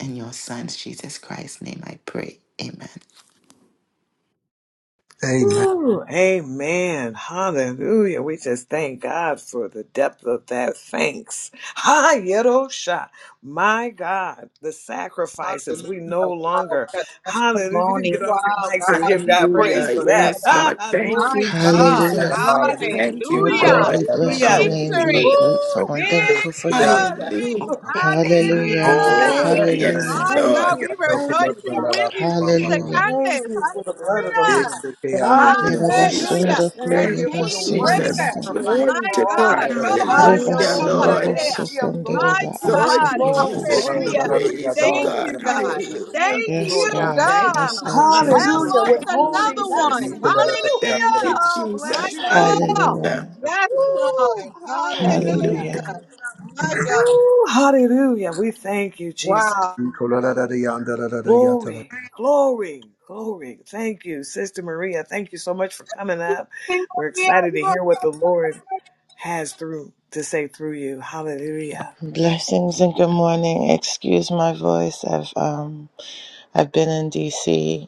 In your Son's Jesus Christ's name, I pray. Amen.
Amen.
Ooh, amen. Hallelujah. We just thank God for the depth of that thanks. Ha, Yerosha. My God, the sacrifices. We
Hallelujah.
no
Wow.
longer,
What a
hallelujah. You can
testimony.
get off your
Wow,
mics and
God.
give
We
God
praise
praise
Hallelujah.
for
you for
that.
Yes,
that.
Ha,
Lord.
ha, glory.
Thank
My
you,
God.
Hallelujah.
Jesus.
Hallelujah.
Hallelujah.
Thank
Oh
you,
La,
Hallelujah.
la,
God,
la,
we
Lord.
la, la,
bless your
la.
Hallelujah.
name. We are
Kiando.
Victory.
Hallelujah.
grateful
Woo,
and
thank
thankful for
you,
you.
Kiando.
Victory.
Jesus.
Hallelujah.
Hallelujah.
Hallelujah.
Glory to
thank
Hallelujah.
your
you.
Yes,
My
Hallelujah.
name.
Thank
God,
Lord.
you.
we
Kiando.
Thank
La,
you,
la,
rejoicing
la,
Father.
with
la,
you,
la, la,
Sister
la, la.
Hallelujah.
Thank
Candace.
you for the blood of the Lamb.
Yes,
Hallelujah.
Kiando.
Thank you,
Hallelujah.
Hallelujah.
Jesus.
Yerabasundo ko
The
Thank
Thank
you
you,
for the
chain
one
Jesus.
breaker.
yerasinamanda.
sacrifice
Glory
My
for
to
Amen.
all.
God.
God.
Robo
Amen.
Hallelujah,
Rebasundo
Hallelujah.
Lord.
Sarabate.
Thank
boso
you, Lord.
My
kondereba anse
Exalt
God.
you,
Glory,
Jesus. We
glory,
Hallelujah.
praise you,
Thank
glory,
God.
you,
glory.
God.
We
Hallelujah.
thank
Thank
you,
Yes,
you,
Lord God.
God.
Thank
God.
Yes,
you,
Lord
I
Jesus.
Jesus.
Hallelujah.
lost
Thank you,
Withholding
another
Jesus.
nothing.
one.
Woo!
Thank you,
Hallelujah.
Oh, bless
My
Jesus.
you, Jesus.
God.
Hallelujah.
Hallelujah.
Yes,
Woo!
Lord.
Hallelujah.
Hallelujah.
Hallelujah.
Hallelujah.
My God.
Woo! Hallelujah. We thank you, Jesus.
Wow.
Glory, glory, glory. Thank you, Sister Maria. Thank you so much for coming up. We're
Yeah,
excited to hear what the Lord has through to say through you. Hallelujah.
Blessings and good morning. Excuse my voice. I've um I've been in DC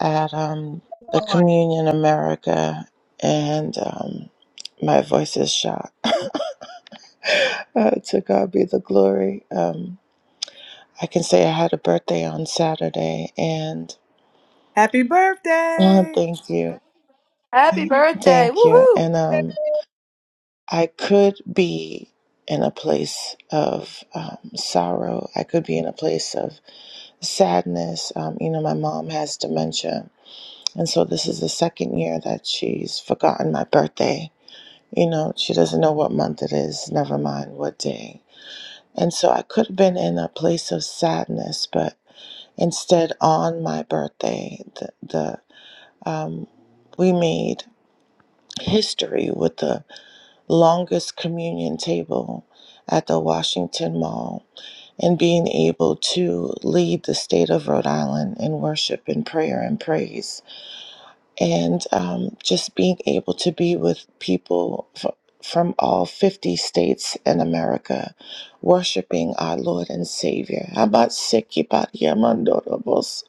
at um, the Communion America, and um, my voice is shot. Uh, to God be the glory. Um, I can say I had a birthday on Saturday, and
Happy
oh,
birthday,
thank you,
Happy birthday.
thank you.
Woohoo.
And um, I could be in a place of um, sorrow. I could be in a place of sadness. Um, you know, my mom has dementia, and so this is the second year that she's forgotten my birthday You know, she doesn't know what month it is, never mind what day. And so I could have been in a place of sadness, but instead, on my birthday, the, the um, we made history with the longest communion table at the Washington Mall and being able to lead the state of Rhode Island in worship and prayer and praise and um, just being able to be with people f- from all 50 states in America, worshiping our Lord and Savior. How Seki Bat Yamandorobos?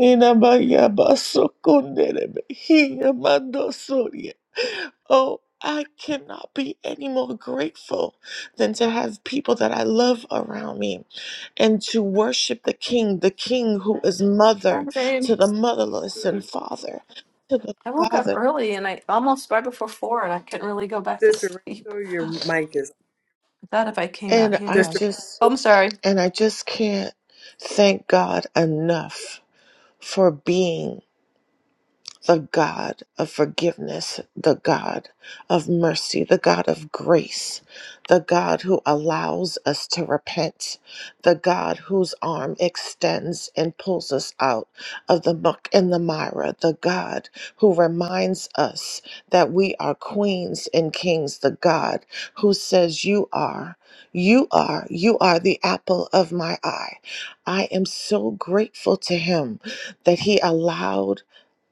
Inabayabasokonderebehiamandosoria. Oh, I cannot be any more grateful than to have people that I love around me and to worship the King, the King who is mother
Birthday.
to the motherless and father to the
I woke up
father.
early and I almost right before four and I couldn't really go back to
Sister
sleep.
Rachel. Your
I
mic is
thought if I came out
And
here
I
I
Sister
could.
just
Oh,
Rachel.
I'm sorry.
and I just can't thank God enough for being the God of forgiveness, the God of mercy, the God of grace, the God who allows us to repent, the God whose arm extends and pulls us out of the muck and the mire, the God who reminds us that we are queens and kings, the God who says, You are. You are, you are the apple of my eye. I am so grateful to him that he allowed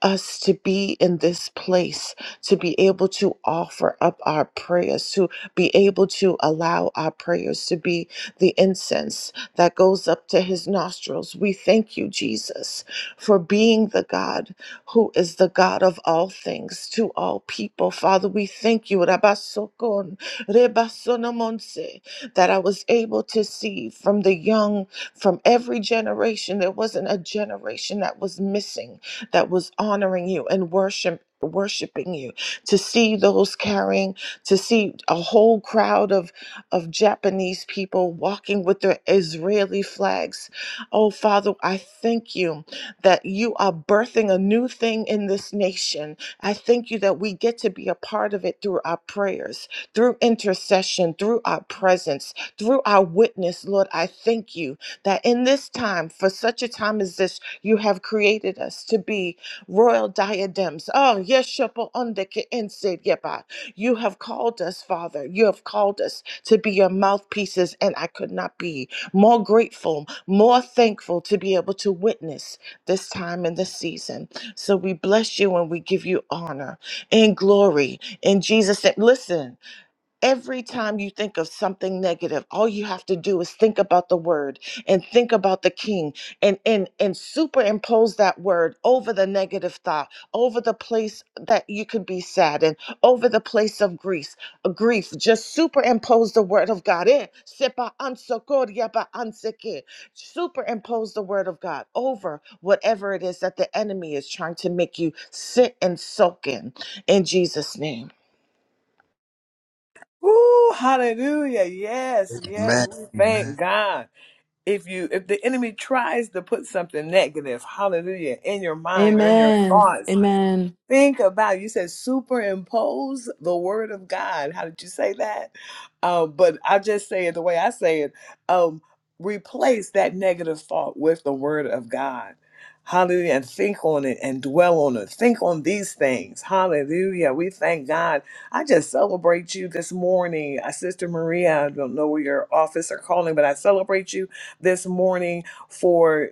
us to be in this place, to be able to offer up our prayers, to be able to allow our prayers to be the incense that goes up to his nostrils. We thank you, Jesus, for being the God who is the God of all things to all people. Father, we thank you, Rabasokon, Rebasonomonse, that I was able to see from the young, from every generation, there wasn't a generation that was missing that was honoring you and worship worshiping you to see those carrying to see a whole crowd of of Japanese people walking with their Israeli flags oh father i thank you that you are birthing a new thing in this nation i thank you that we get to be a part of it through our prayers through intercession through our presence through our witness lord i thank you that in this time for such a time as this you have created us to be royal diadems. Oh, yes, yeshepo ondeke ense yeba. You have called us, Father. You have called us to be your mouthpieces, and I could not be more grateful, more thankful to be able to witness this time and this season. So we bless you and we give you honor and glory in Jesus' name. Listen. Every time you think of something negative, all you have to do is think about the word and think about the king and and and superimpose that word over the negative thought, over the place that you could be sad and over the place of grief. uh, Grief, just superimpose the word of God. Eh, sepa ansokor yaba anseke. Superimpose the word of God over whatever it is that the enemy is trying to make you sit and soak in. In Jesus' name.
Ooh, hallelujah. Yes, yes. We thank God. If you if the enemy tries to put something negative, hallelujah, in your mind or in your
Amen.
thoughts,
Amen.
Think about it. you said superimpose the word of God. How did you say that? Um, but I just say it the way I say it. Um, replace that negative thought with the word of God. Hallelujah. And think on it and dwell on it. Think on these things. Hallelujah. We thank God. I just celebrate you this morning. Uh, Sister Maria, I don't know where your office are calling, but I celebrate you this morning for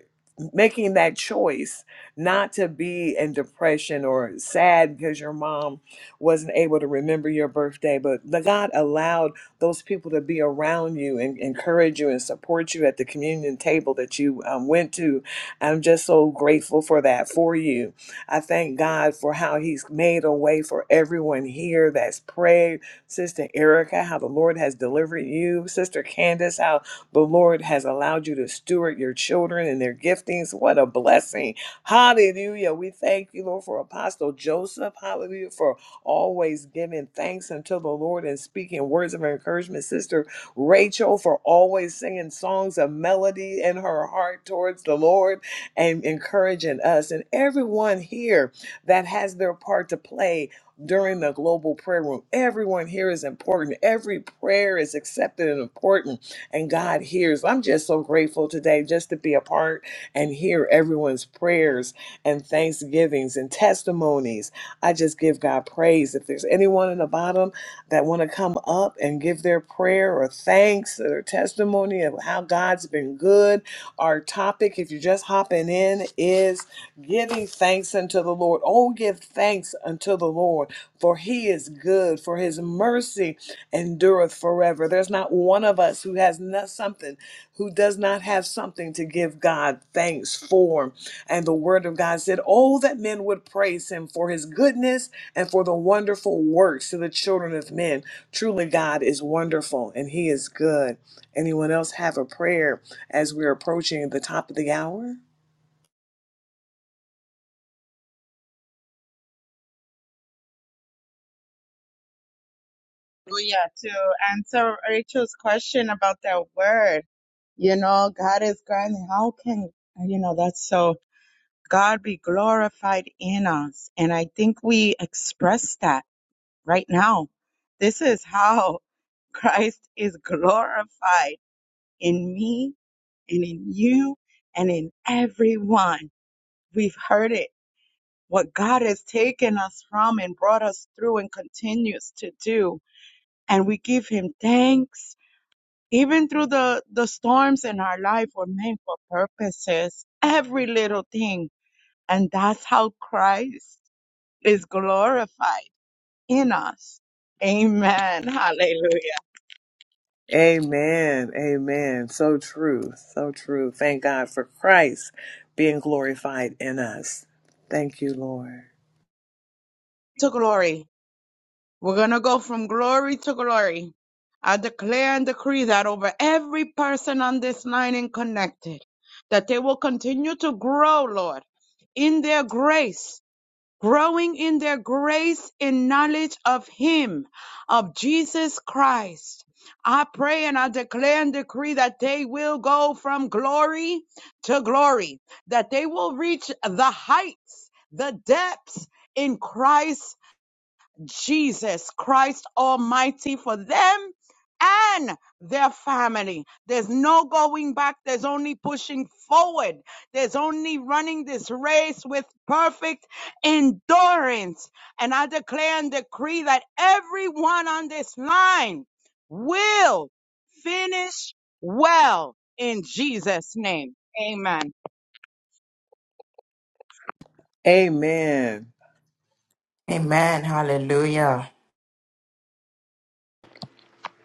making that choice not to be in depression or sad because your mom wasn't able to remember your birthday, but the God allowed those people to be around you and encourage you and support you at the communion table that you um, went to. I'm just so grateful for that for you. I thank God for how He's made a way for everyone here that's prayed. Sister Erica, how the Lord has delivered you. Sister Candace, how the Lord has allowed you to steward your children and their giftings. What a blessing Hallelujah. We thank you, Lord, for Apostle Joseph. Hallelujah. For always giving thanks unto the Lord and speaking words of encouragement. Sister Rachel, for always singing songs of melody in her heart towards the Lord and encouraging us. And everyone here that has their part to play during the global prayer room. Everyone here is important. Every prayer is accepted and important, and God hears. I'm just so grateful today just to be a part and hear everyone's prayers and thanksgivings and testimonies. I just give God praise. If there's anyone in the bottom that want to come up and give their prayer or thanks or testimony of how God's been good, our topic, if you're just hopping in, is giving thanks unto the Lord. Oh, give thanks unto the Lord, for he is good, for his mercy endureth forever. There's not one of us who has not something who does not have something to give God thanks for. And the word of God said, Oh, that men would praise him for his goodness and for the wonderful works to the children of men. Truly, God is wonderful and he is good. Anyone else have a prayer as we're approaching the top of the hour?
Hallelujah. To answer Rachel's question about that word, you know, God is grinding. How can, you know, that's so. God be glorified in us. And I think we express that right now. This is how Christ is glorified in me and in you and in everyone. We've heard it. What God has taken us from and brought us through and continues to do. And we give him thanks. Even through the, the storms in our life were meant for purposes. Every little thing. And that's how Christ is glorified in us. Amen. Hallelujah.
Amen. Amen. So true. So true. Thank God for Christ being glorified in us. Thank you, Lord.
To glory. We're going to go from glory to glory. I declare and decree that over every person on this line and connected, that they will continue to grow, Lord, in their grace growing in their grace and knowledge of Him, of Jesus Christ. I pray and I declare and decree that they will go from glory to glory, that they will reach the heights, the depths in Christ Jesus Christ Almighty for them and their family. There's no going back. There's only pushing forward. There's only running this race with perfect endurance. And I declare and decree that everyone on this line will finish well in Jesus' name. Amen.
Amen.
Amen. Hallelujah.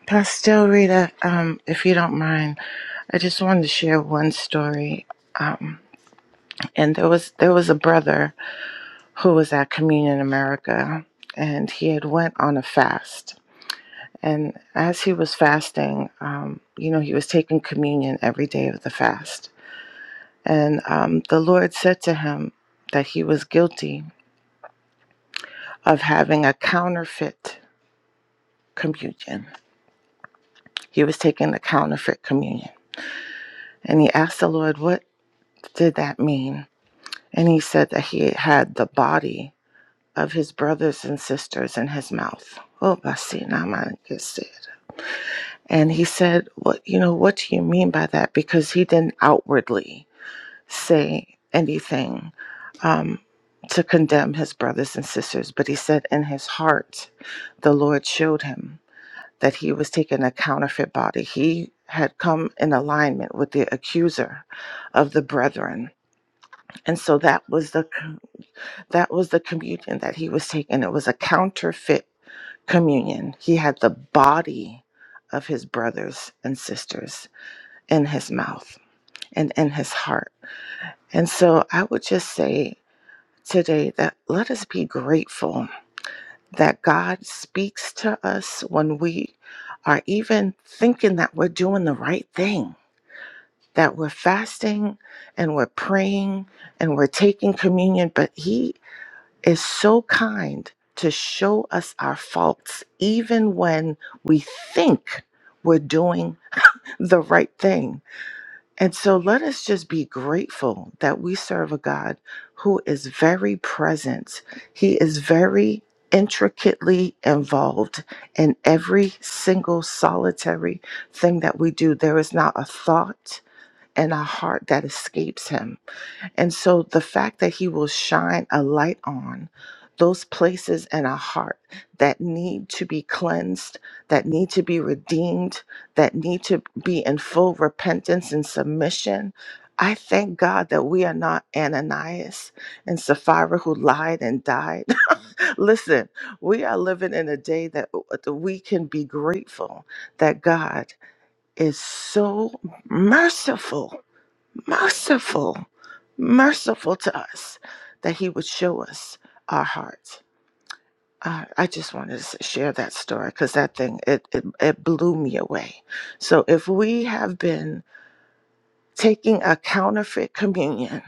Pastel Rita, um, if you don't mind, I just wanted to share one story. Um, and there was there was a brother who was at Communion America, and he had went on a fast. And as he was fasting, um, you know, he was taking communion every day of the fast. And um, the Lord said to him that he was guilty of having a counterfeit communion. He was taking a counterfeit communion, and he asked the Lord, "What did that mean?" And he said that he had the body of his brothers and sisters in his mouth. Oh, Basina Manakisir. And he said, What you know, what do you mean by that? Because he didn't outwardly say anything um, to condemn his brothers and sisters, but he said in his heart, the Lord showed him that he was taking a counterfeit body. He had come in alignment with the accuser of the brethren. And so that was the That was the communion that he was taking. It was a counterfeit communion. He had the body of his brothers and sisters in his mouth and in his heart. And so I would just say today that let us be grateful that God speaks to us when we are even thinking that we're doing the right thing, that we're fasting and we're praying and we're taking communion, but he is so kind to show us our faults, even when we think we're doing the right thing. And so let us just be grateful that we serve a God who is very present, He is very intricately involved in every single solitary thing that we do. There is not a thought in our heart that escapes Him. And so the fact that he will shine a light on those places in our heart that need to be cleansed, that need to be redeemed, that need to be in full repentance and submission. I thank God that we are not Ananias and Sapphira who lied and died. Listen, we are living in a day that uh, that we can be grateful that God is so merciful merciful, merciful to us that He would show us our hearts. Uh, I just wanted to s- share that story because that thing it, it it blew me away. So if we have been taking a counterfeit communion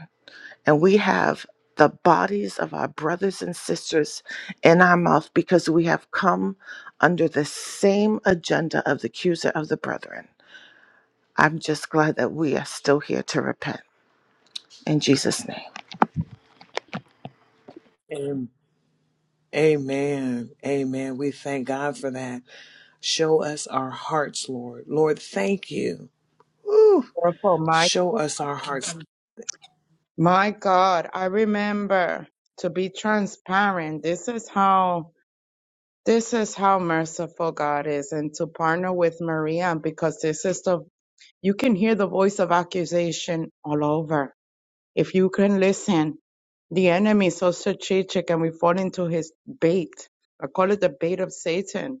and we have the bodies of our brothers and sisters in our mouth because we have come under the same agenda of the accuser of the brethren. I'm just glad that we are still here to repent in Jesus' name.
Amen. Amen. Amen. We thank God for that. Show us our hearts, Lord. Lord, thank you. Woo.
Oracle Mike.
Show us our hearts.
My God, I remember to be transparent. This is how this is how merciful God is and to partner with Maria because this is the you can hear the voice of accusation all over. If you can listen, the enemy is so strategic and we fall into his bait. I call it the bait of Satan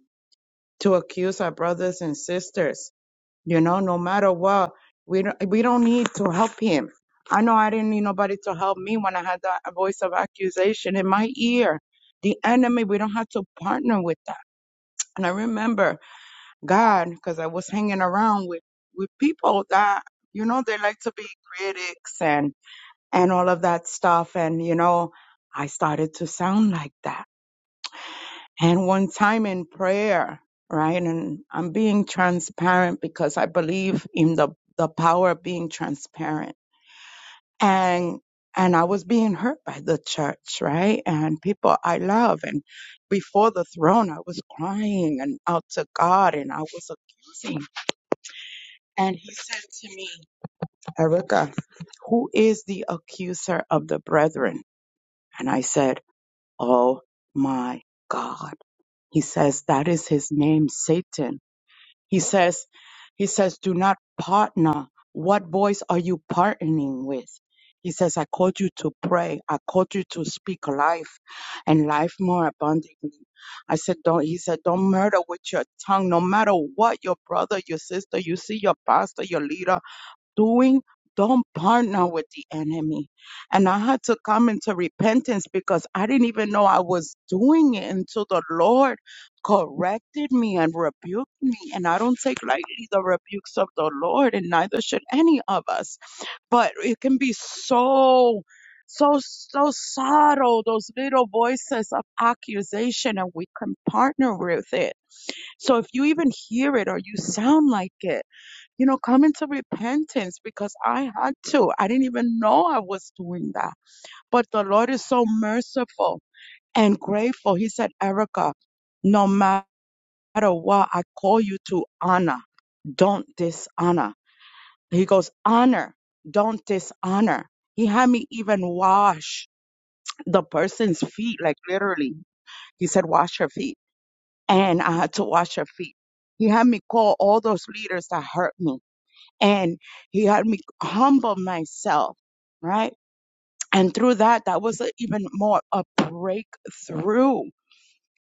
to accuse our brothers and sisters you know, no matter what, we don't, we don't need to help him. I know I didn't need nobody to help me when I had that voice of accusation in my ear. The enemy, we don't have to partner with that. And I remember God, because I was hanging around with, with people that, you know, they like to be critics and, and all of that stuff. And, you know, I started to sound like that and one time in prayer, right? And I'm being transparent because I believe in the, the power of being transparent. And and I was being hurt by the church, right? And people I love. And before the throne, I was crying and out to God and I was accusing. And he said to me, Erica, who is the accuser of the brethren? And I said, Oh my God. He says, that is his name, Satan He says, he says, do not partner. What voice are you partnering with? He says, I called you to pray. I called you to speak life and life more abundantly. I said, don't, he said, don't murder with your tongue. No matter what your brother, your sister, you see your pastor, your leader, doing, don't partner with the enemy. And I had to come into repentance because I didn't even know I was doing it until the Lord corrected me and rebuked me. And I don't take lightly the rebukes of the Lord, and neither should any of us. But it can be so. So, so subtle, those little voices of accusation, and we can partner with it. So if you even hear it or you sound like it, you know, come into repentance because I had to. I didn't even know I was doing that. But the Lord is so merciful and grateful. He said, Erica, no matter what, I call you to honor. Don't dishonor. He goes, honor. Don't dishonor. He had me even wash the person's feet, like literally. He said, wash her feet. And I had to wash her feet. He had me call all those leaders that hurt me and he had me humble myself, right? And through that, that was a- even more a breakthrough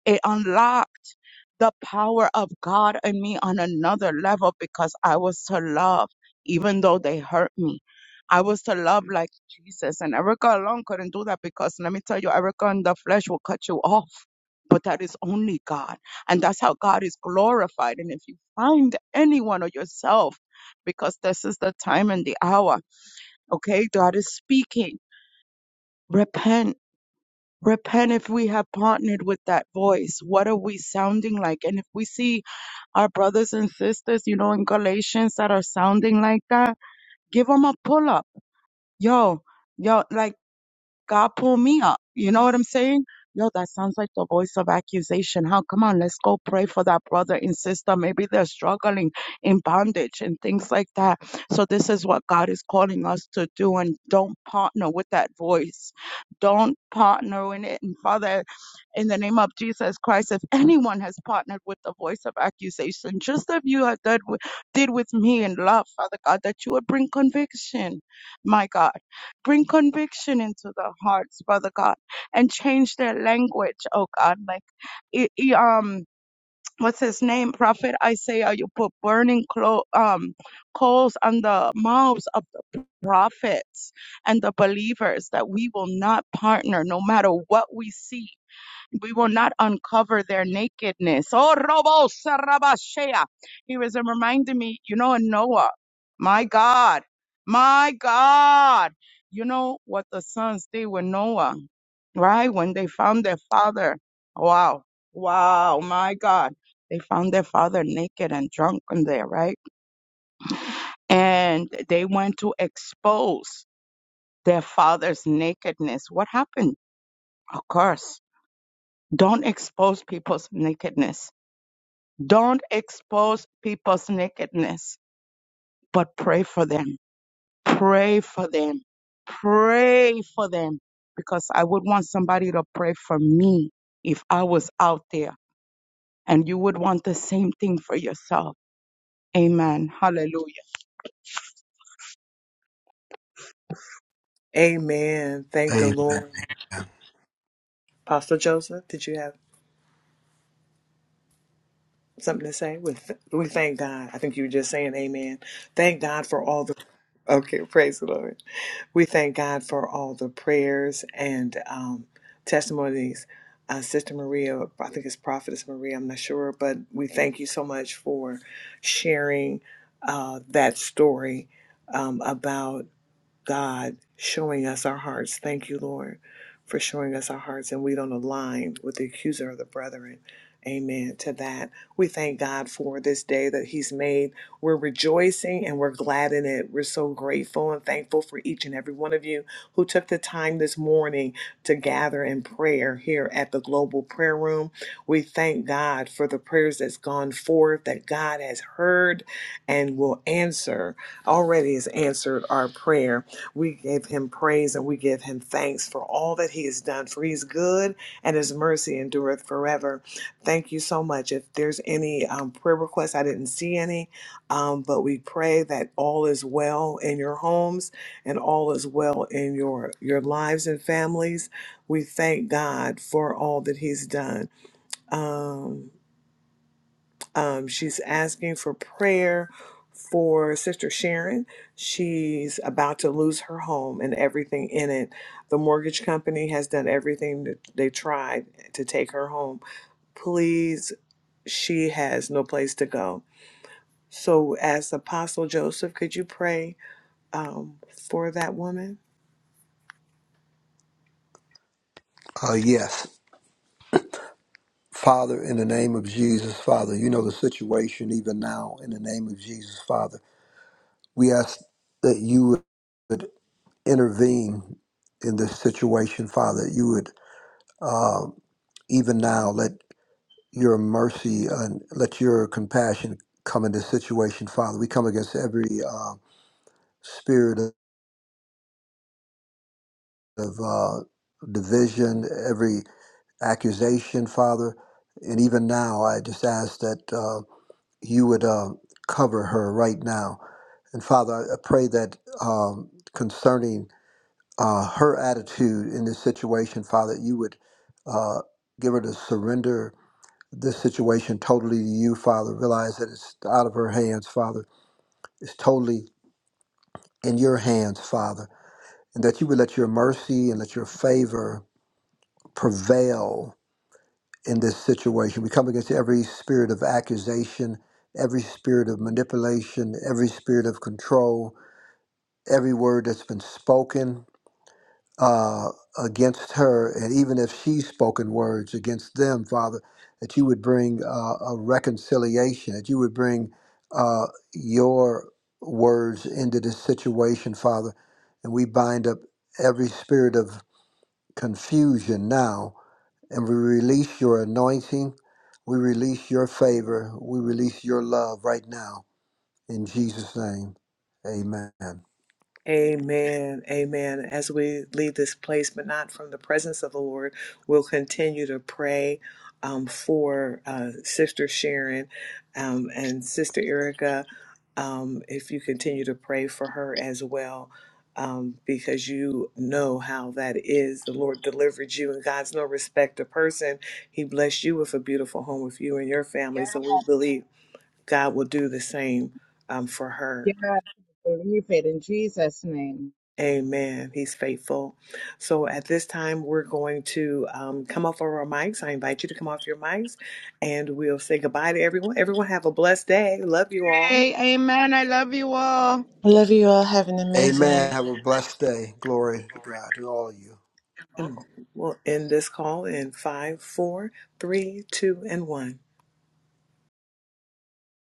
it unlocked the power of God in me on another level because I was to love even though they hurt me. I was to love like Jesus. And Erica alone couldn't do that because let me tell you, Erica in the flesh will cut you off. But that is only God. And that's how God is glorified. And if you find anyone or yourself, because this is the time and the hour, okay? God is speaking. Repent Repent if we have partnered with that voice. What are we sounding like? And if we see our brothers and sisters, you know, in Galatians that are sounding like that, give them a pull up. Yo, yo, like. God pull me up. You know what I'm saying? Yo, that sounds like the voice of accusation. How come on, let's go pray for that brother and sister. Maybe they're struggling in bondage and things like that. So this is what God is calling us to do and don't partner with that voice. Don't partner in it. And Father, in the name of Jesus Christ, if anyone has partnered with the voice of accusation, just as you have done with, did with me in love, Father God, that you would bring conviction, my God Bring conviction into their hearts, Father God, and change their language, oh God. Like, i i- um, what's his name? Prophet Isaiah, you put burning clo- um, coals on the mouths of the prophets and the believers that we will not partner no matter what we see we will not uncover their nakedness. Oh, Robo Sarabashea. He was uh, reminding me, you know, in Noah, my God, my God. You know what the sons did with Noah, right? When they found their father. Wow. Wow. My God. They found their father naked and drunk in there, right? And they went to expose their father's nakedness. What happened? Of course. Don't expose people's nakedness Don't expose people's nakedness, but pray for them. Pray for them. Pray for them. Because I would want somebody to pray for me if I was out there. And you would want the same thing for yourself. Amen. Hallelujah.
Amen. Thank the
Amen.
Lord. Pastor Joseph, did you have? something to say? We, th- we thank God. I think you were just saying amen. Thank God for all the. Okay, praise the Lord. We thank God for all the prayers and um, testimonies. Uh, Sister Maria, I think it's Prophetess Maria, I'm not sure, but we thank you so much for sharing uh, that story um, about. God showing us our hearts. Thank you, Lord, for showing us our hearts and we don't align with the accuser of the brethren. Amen to that. We thank God for this day that He's made. We're rejoicing and we're glad in it. We're so grateful and thankful for each and every one of you who took the time this morning to gather in prayer here at the Global Prayer Room. We thank God for the prayers that's gone forth that God has heard and will answer, already has answered our prayer we give him praise and we give him thanks for all that he has done, for he's good and his mercy endureth forever. Thank you so much. If there's any um, prayer requests, I didn't see any, um, but we pray that all is well in your homes and all is well in your, your lives and families. We thank God for all that he's done. Um, um, she's asking for prayer for Sister Sharon. She's about to lose her home and everything in it. The mortgage company has done everything that they tried to take her home. Please, she has no place to go. So, as Apostle Joseph, could you pray um, for that woman?
Uh, yes. Father, in the name of Jesus, Father, you know the situation even now. In the name of Jesus, Father, we ask that you would intervene in this situation, Father. You would um even now. let. your mercy and let your compassion come in this situation, Father. We come against every uh, spirit of, of uh, division, every accusation, Father. And even now, I just ask that uh, you would uh, cover her right now. And Father, I I pray that um, concerning uh, her attitude in this situation, Father, you would uh, give her to surrender this situation totally to you, Father. Realize that it's out of her hands, Father is totally in your hands, Father, and that you would let your mercy and let your favor prevail in this situation. We come against every spirit of accusation, every spirit of manipulation, every spirit of control, every word that's been spoken uh, against her, and even if she's spoken words against them, Father, that you would bring uh, a reconciliation, that you would bring uh, your words into this situation, Father. And we bind up every spirit of confusion now, and we release your anointing, we release your favor, we release your love right now. In Jesus' name, amen.
Amen. Amen. As we leave this place, but not from the presence of the Lord, we'll continue to pray um, for uh, Sister Sharon um, and Sister Erica. Um, if you continue to pray for her as well, um, because you know how that is. The Lord delivered you, and God's no respecter to person. He blessed you with a beautiful home with you and your family. So
Yes,
we believe God will do the same um, for her.
yes. Believe it in Jesus' name.
Amen. He's faithful. So at this time, we're going to um, come off of our mics. I invite you to come off your mics and we'll say goodbye to everyone. Everyone have a blessed day. Love you all.
Hey, amen. I love you all.
I love you all. Have an amazing week.
Amen. Have a blessed day. Glory to God, to all of you.
And we'll end this call in five, four, three, two, and one.